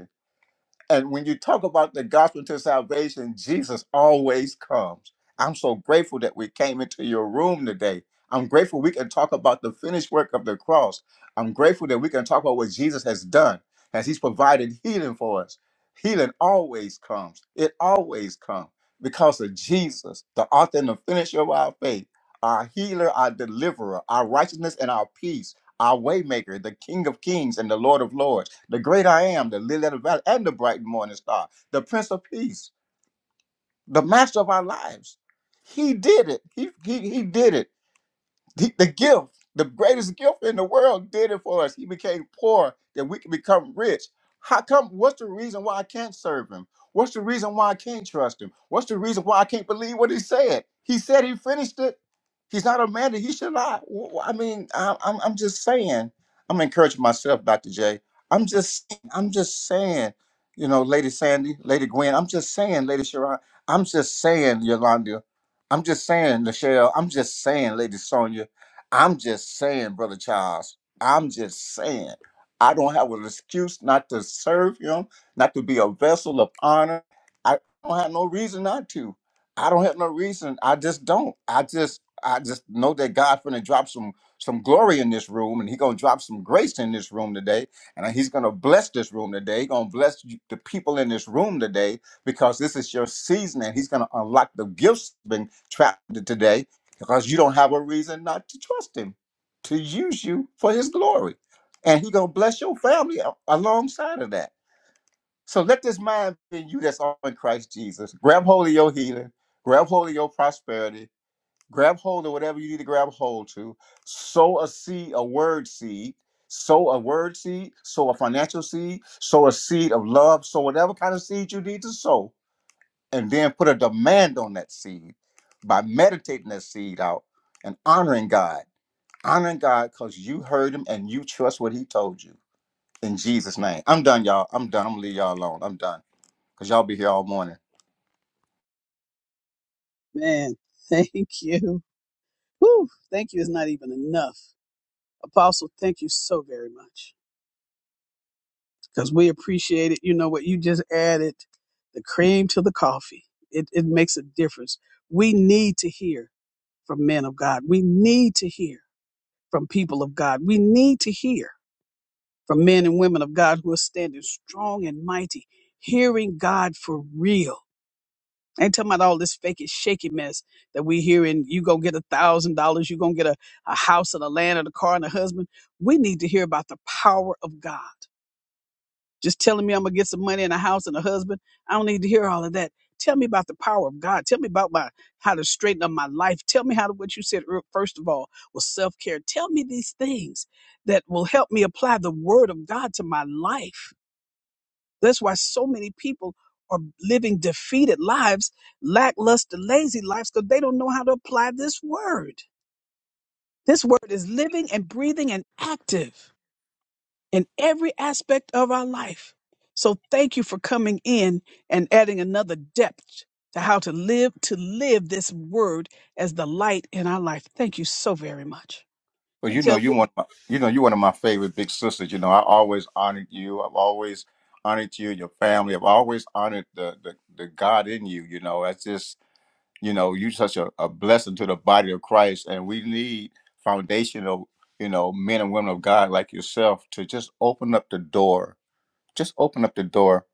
[SPEAKER 5] And when you talk about the gospel to salvation, Jesus always comes. I'm so grateful that we came into your room today. I'm grateful we can talk about the finished work of the cross. I'm grateful that we can talk about what Jesus has done as he's provided healing for us. Healing always comes. It always comes because of Jesus, the author and the finisher of our faith, our healer, our deliverer, our righteousness and our peace, our waymaker, the King of kings and the Lord of lords the great I am, the lily of the valley, and the bright morning star, the prince of peace, the master of our lives. He did it. He, he, he did it the, the gift, the greatest gift in the world, did it for us. He became poor that we can become rich. How come? What's the reason why I can't serve him? What's the reason why I can't trust him? What's the reason why I can't believe what he said? He said he finished it. He's not a man that he should lie. Wh- wh- I mean, I- I'm, I'm just saying. I'm encouraging myself, Dr. J. I'm just, I'm just saying, you know, Lady Sandy, Lady Gwen. I'm just saying, Lady Sharon. I'm just saying, Yolanda. I'm just saying, Michelle. I'm just saying, Lady Sonia. I'm just saying, Brother Charles, I'm just saying, I don't have an excuse not to serve him, not to be a vessel of honor. I don't have no reason not to. I don't have no reason. I just don't. I just I just know that God's gonna drop some some glory in this room and He gonna drop some grace in this room today. And he's gonna bless this room today. He's gonna bless you- the people in this room today because this is your season and he's gonna unlock the gifts been trapped today because you don't have a reason not to trust him to use you for his glory and he gonna bless your family a- alongside of that so let this mind be in you that's all in christ jesus grab hold of your healing grab hold of your prosperity grab hold of whatever you need to grab hold to sow a seed a word seed sow a word seed sow a financial seed sow a seed of love sow whatever kind of seed you need to sow and then put a demand on that seed by meditating that seed out and honoring God. Honoring God because you heard him and you trust what he told you in Jesus' name. I'm done, y'all. I'm done. I'm gonna leave y'all alone. I'm done. Cause y'all be here all morning.
[SPEAKER 1] Man, thank you. Whew, thank you is not even enough. Apostle, thank you so very much because we appreciate it. You know what? You just added the cream to the coffee. It, it makes a difference. We need to hear from men of God. We need to hear from people of God. We need to hear from men and women of God who are standing strong and mighty, hearing God for real I ain't talking about all this fake and shaky mess that we hearing. You gonna get a thousand dollars. You gonna get a, a house and a land and a car and a husband. We need to hear about the power of God. Just telling me I'm gonna get some money and a house and a husband. I don't need to hear all of that. Tell me about the power of God. Tell me about my how to straighten up my life. Tell me how to what you said ear- first of all was self care. Tell me these things that will help me apply the word of God to my life that's why so many people are living defeated lives, lackluster, lazy lives, because they don't know how to apply this word. This word is living and breathing and active in every aspect of our life. So thank you for coming in and adding another depth to how to live to live this word as the light in our life. Thank you so very much.
[SPEAKER 5] Well,
[SPEAKER 1] And
[SPEAKER 5] you know
[SPEAKER 1] tell
[SPEAKER 5] you one of my, you know you one of my favorite big sisters. You know, I always honored you. I've always honored you, and your family. I've always honored the the, the God in you, you know. That's just you know you're such a, a blessing to the body of christ and we need foundational you know men and women of god like yourself to just open up the door just open up the door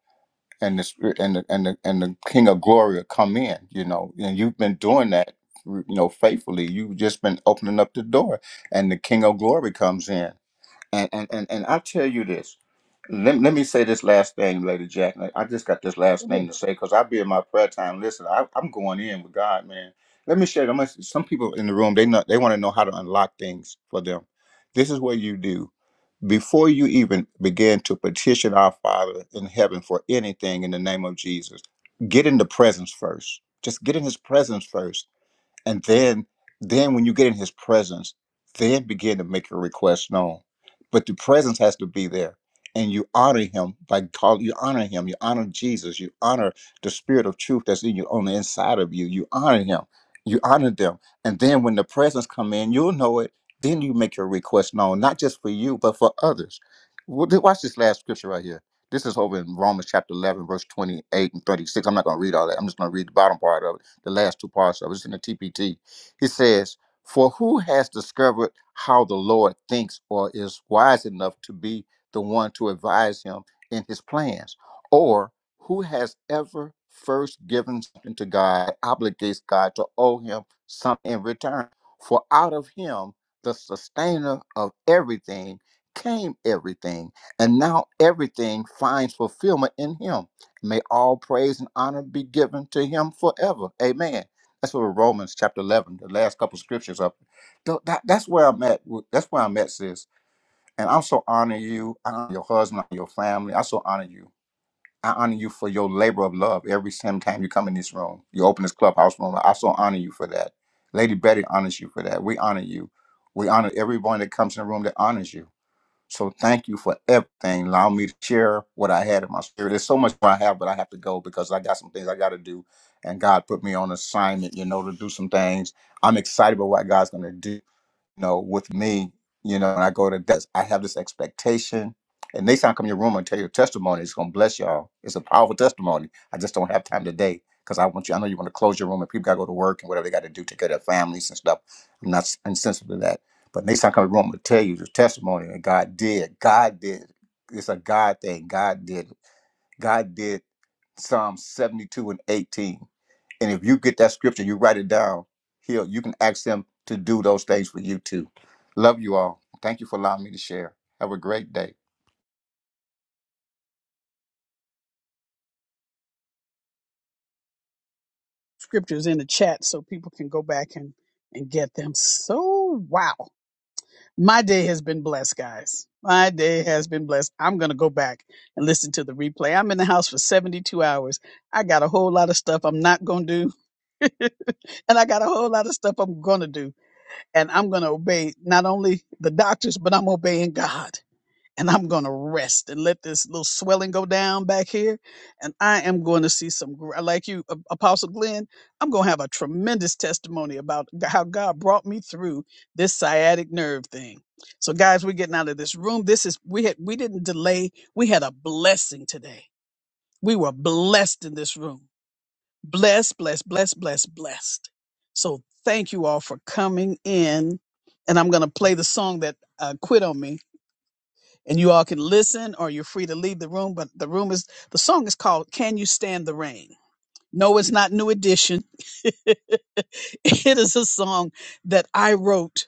[SPEAKER 5] and the spirit and the and the, and the king of glory will come in you know and you've been doing that you know faithfully you've just been opening up the door and the king of glory comes in and and and, and i tell you this let, let me say this last thing, Lady Jack. I I just got this last thing to say because I be in my prayer time. Listen, I, I'm going in with God, man. Let me share. I'm gonna- some people in the room they know they want to know how to unlock things for them. This is what you do before you even begin to petition our Father in heaven for anything in the name of Jesus. Get in the presence first. Just get in His presence first and then then when you get in his presence then begin to make your request known but the presence has to be there and you honor him by call you honor him you honor jesus you honor the spirit of truth that's in you on the inside of you you honor him you honor them and then when the presence come in you'll know it then you make your request known not just for you but for others Wa- watch this last scripture right here this is over in romans chapter 11 verse 28 and 36 i'm not going to read all that i'm just going to read the bottom part of it the last two parts of it. It's in the TPT. He says, For who has discovered how the Lord thinks or is wise enough to be the one to advise him in his plans? Or who has ever first given something to God, obligates God to owe him something in return? For out of him, the sustainer of everything, came everything, and now everything finds fulfillment in him. May all praise and honor be given to him forever. Amen. That's what Romans chapter 11, the last couple scriptures up. Tho- that- that's where I'm at. with- That's where I'm at, sis. And I'm so honor you, I honor your husband, your family. I so honor you. I honor you for your labor of love every single time you come in this room. You open this clubhouse room. I so honor you for that. Lady Betty honors you for that. We honor you. We honor everyone that comes in the room that honors you. So thank you for everything. Allow me to share what I had in my spirit. There's so much more I have, but I have to go because I got some things I got to do. And God put me on assignment, you know, to do some things. I'm excited about what God's going to do you know, with me, you know, when I go to desk, I have this expectation. And next time I come in your room and tell your testimony, it's gonna bless y'all. It's a powerful testimony. I just don't have time today because I want you. I know you want to close your room and people gotta go to work and whatever they gotta do, take care of their families and stuff. I'm not s- insensitive to that. But next time I come in your room, I'm gonna tell you the testimony that God did. God did. It's a God thing. God did. God did. Psalm 72 and 18. And if you get that scripture, you write it down, he'll you can ask him to do those things for you too. Love you all. Thank you for allowing me to share. Have a great day.
[SPEAKER 1] scriptures in the chat so people can go back and and get them. So wow. My day has been blessed, guys. My day has been blessed. I'm going to go back and listen to the replay. I'm in the house for 72 hours. I got a whole lot of stuff I'm not going to do. and I got a whole lot of stuff I'm going to do. And I'm going to obey not only the doctors, but I'm obeying God and I'm going to rest and let this little swelling go down back here. And I am going to see some, gr- like you, A- Apostle Glenn, I'm going to have a tremendous testimony about g- how God brought me through this sciatic nerve thing. So, guys, we're getting out of this room. This is, we had, we didn't delay. We had a blessing today. We were blessed in this room. Blessed, blessed, blessed, blessed, blessed. So, thank you all for coming in. And I'm going to play the song that uh, quit on me and you all can listen or you're free to leave the room but the room is the song is called can you stand the rain no it's not new edition it is a song that i wrote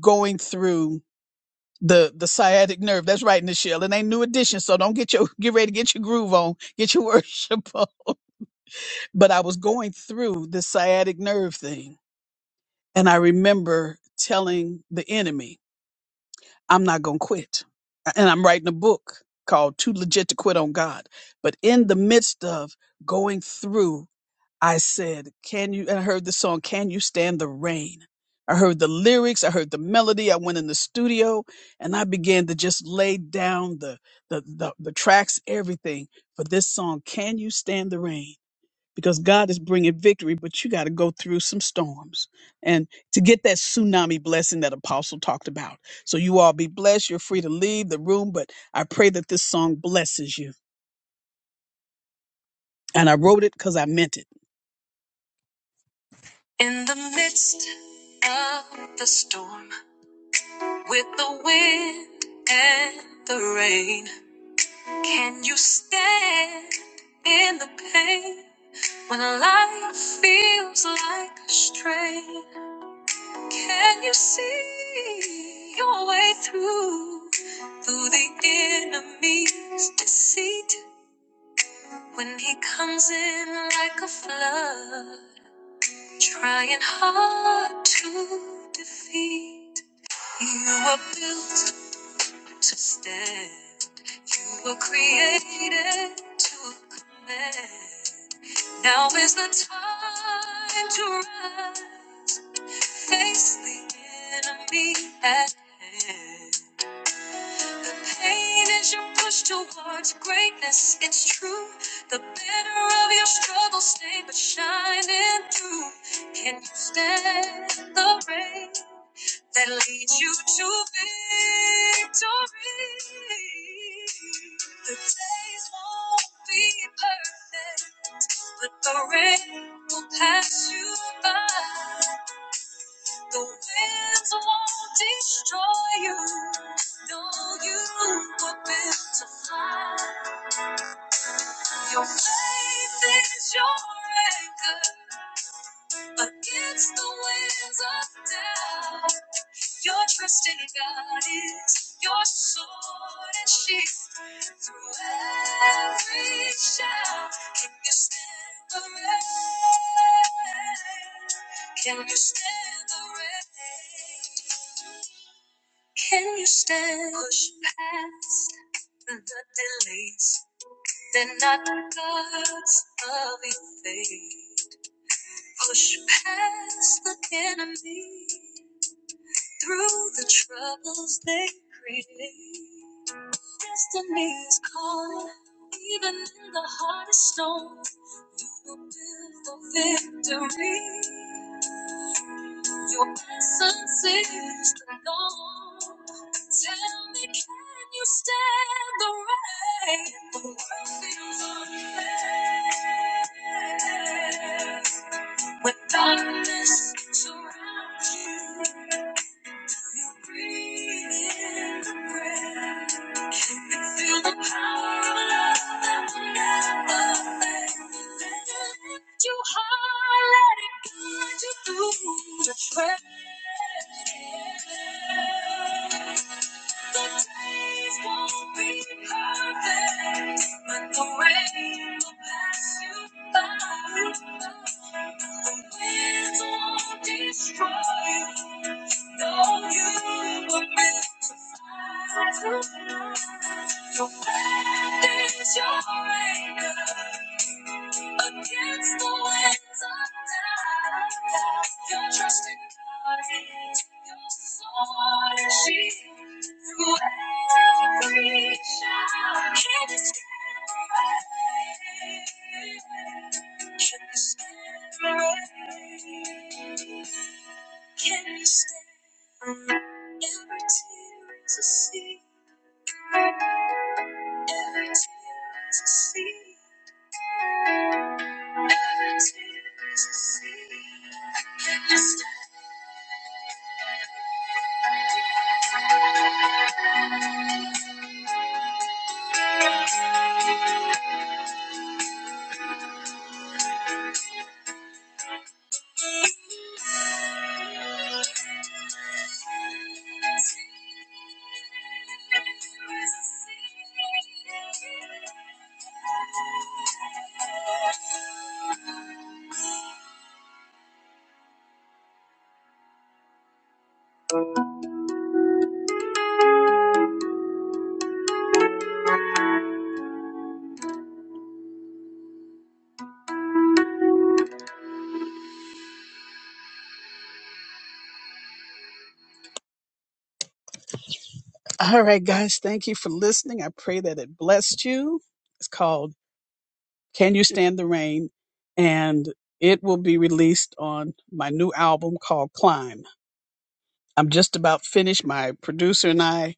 [SPEAKER 1] going through the the sciatic nerve that's right nichelle it ain't new edition so don't get your get ready to get your groove on get your worship on but i was going through the sciatic nerve thing and i remember telling the enemy I'm not going to quit. And I'm writing a book called Too Legit to Quit on God. But in the midst of going through, I said, Can you? And I heard the song, Can You Stand the Rain? I heard the lyrics, I heard the melody. I went in the studio and I began to just lay down the, the, the, the tracks, everything for this song, Can You Stand the Rain? because God is bringing victory, but you got to go through some storms and to get that tsunami blessing that Apostle talked about. So you all be blessed. You're free to leave the room, but I pray that this song blesses you. And I wrote it because I meant it. In the midst of the storm, with the wind and the rain, can you stand in the pain when life feels like a strain? Can you see your way through through the enemy's deceit when he comes in like a flood, trying hard to defeat? You were built to stand. You were created to command. Now is the time to rise. Face the enemy at hand. The pain is your push towards greatness. It's true. The banner of your struggle stay but shining through. Can you stand the rain that leads you to victory? The days won't be perfect, but the rain will pass you by. The winds won't destroy you. No, you were built to fly. Your faith is your anchor against the winds of doubt. Your trust in God is your sword and shield. Through every shout, can you stand the rain? Can you stand the rain? Can you stand? Push past the delays. They're not the gods of evade. Push past the enemy through the troubles they create. Destiny is calling, even in the hardest storm. You will build a victory. Your presence is strong. Tell me, can you stand the rain? The world feels unfair. When darkness surrounds you. Feel breathing the breath. Feel the power of love that will never fade. Let it lift you let it guide you through the fray. The days won't be perfect, but the rain will pass you by. The winds won't destroy you. No, you were meant to fly. through life. Your faith is your anchor. Against the winds of doubt, your trust in God is your sword and shield. Through every trial, can you stand the rain? Can you stand the rain? Can you stand every tear to see? Every tear to see? All right, guys, thank you for listening. I pray that it blessed you. It's called Can You Stand the Rain? And it will be released on my new album called Climb. I'm just about finished. My producer and I,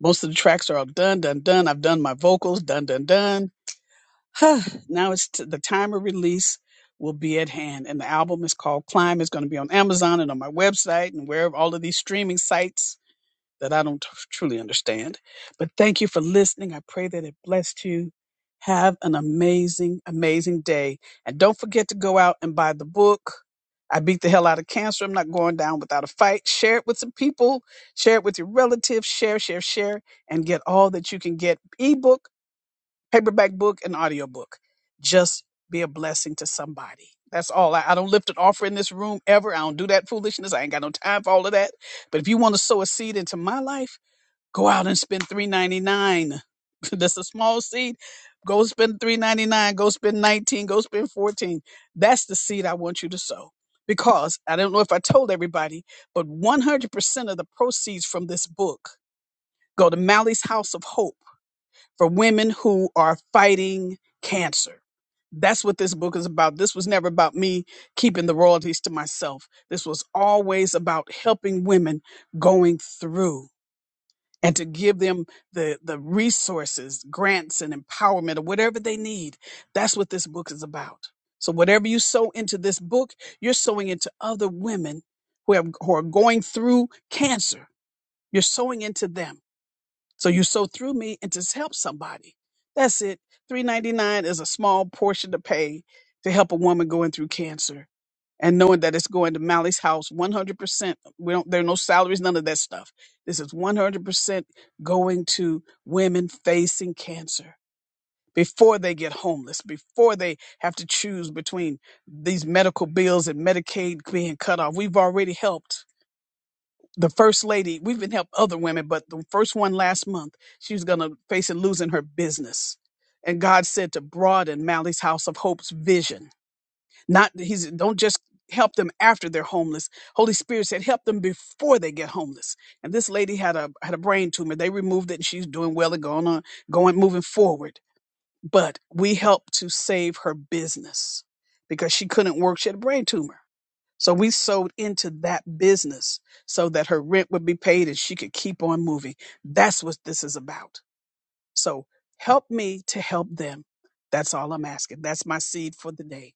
[SPEAKER 1] most of the tracks are all done, done, done. I've done my vocals, done, done, done. now it's t- the time of release will be at hand, and the album is called Climb. It's going to be on Amazon and on my website and wherever all of these streaming sites that I don't truly understand. But thank you for listening. I pray that it blessed you. Have an amazing, amazing day. And don't forget to go out and buy the book. I beat the hell out of cancer. I'm not going down without a fight. Share it with some people. Share it with your relatives. Share, share, share, and get all that you can get ebook, paperback book, and audiobook. Just be a blessing to somebody. That's all. I, I don't lift an offer in this room ever. I don't do that foolishness. I ain't got no time for all of that. But if you want to sow a seed into my life, Go out and spend three ninety nine. That's a small seed. Go spend three ninety nine. Go spend nineteen. Go spend fourteen. That's the seed I want you to sow. Because I don't know if I told everybody, but one hundred percent of the proceeds from this book go to Mally's House of Hope for women who are fighting cancer. That's what this book is about. This was never about me keeping the royalties to myself. This was always about helping women going through and to give them the the resources, grants and empowerment or whatever they need. That's what this book is about. So whatever you sow into this book, you're sowing into other women who have who are going through cancer. You're sowing into them. So you sow through me and to help somebody. That's it. 399 is a small portion to pay to help a woman going through cancer and knowing that it's going to Mally's house 100%. We don't, there are no salaries, none of that stuff. This is 100% going to women facing cancer before they get homeless, before they have to choose between these medical bills and Medicaid being cut off. We've already helped the first lady. We've been helped other women, but the first one last month, she was going to face it losing her business. And God said to broaden Mally's House of Hope's vision not he's don't just help them after they're homeless. Holy Spirit said help them before they get homeless. And this lady had a had a brain tumor. They removed it and she's doing well and going on going moving forward. But we helped to save her business because she couldn't work. She had a brain tumor. So we sold into that business so that her rent would be paid and she could keep on moving. That's what this is about. So help me to help them. That's all I'm asking. That's my seed for the day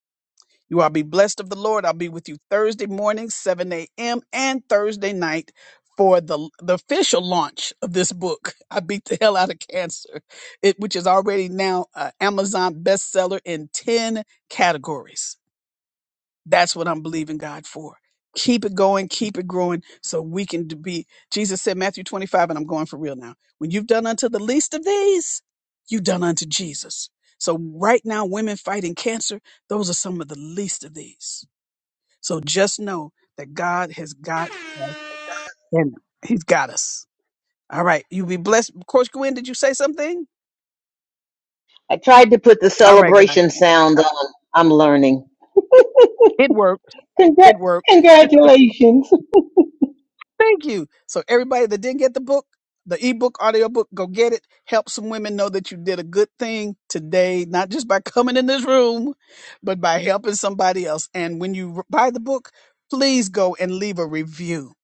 [SPEAKER 1] you all be blessed of the Lord. I'll be with you Thursday morning, 7 a.m., and Thursday night for the, the official launch of this book. I beat the hell out of cancer, it, which is already now uh, Amazon bestseller in 10 categories. That's what I'm believing God for. Keep it going, keep it growing, so we can d- be. Jesus said, Matthew 25, and I'm going for real now. When you've done unto the least of these, you've done unto Jesus. So, right now, women fighting cancer, those are some of the least of these. So, just know that God has got us and He's got us. All right. You be blessed. Coach Gwen, did you say something?
[SPEAKER 6] I tried to put the
[SPEAKER 1] All right, guys.
[SPEAKER 6] celebration sound on. I'm learning.
[SPEAKER 1] It worked.
[SPEAKER 6] Congra-
[SPEAKER 1] It worked.
[SPEAKER 6] congratulations.
[SPEAKER 1] Thank you. So everybody that didn't get the book, the ebook, audiobook, go get it. Help some women know that you did a good thing today, not just by coming in this room, but by helping somebody else. And when you buy the book, please go and leave a review.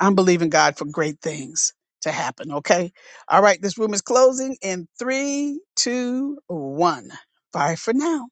[SPEAKER 1] I'm believing God for great things to happen. Okay. All right. This room is closing in three, two, one. Bye for now.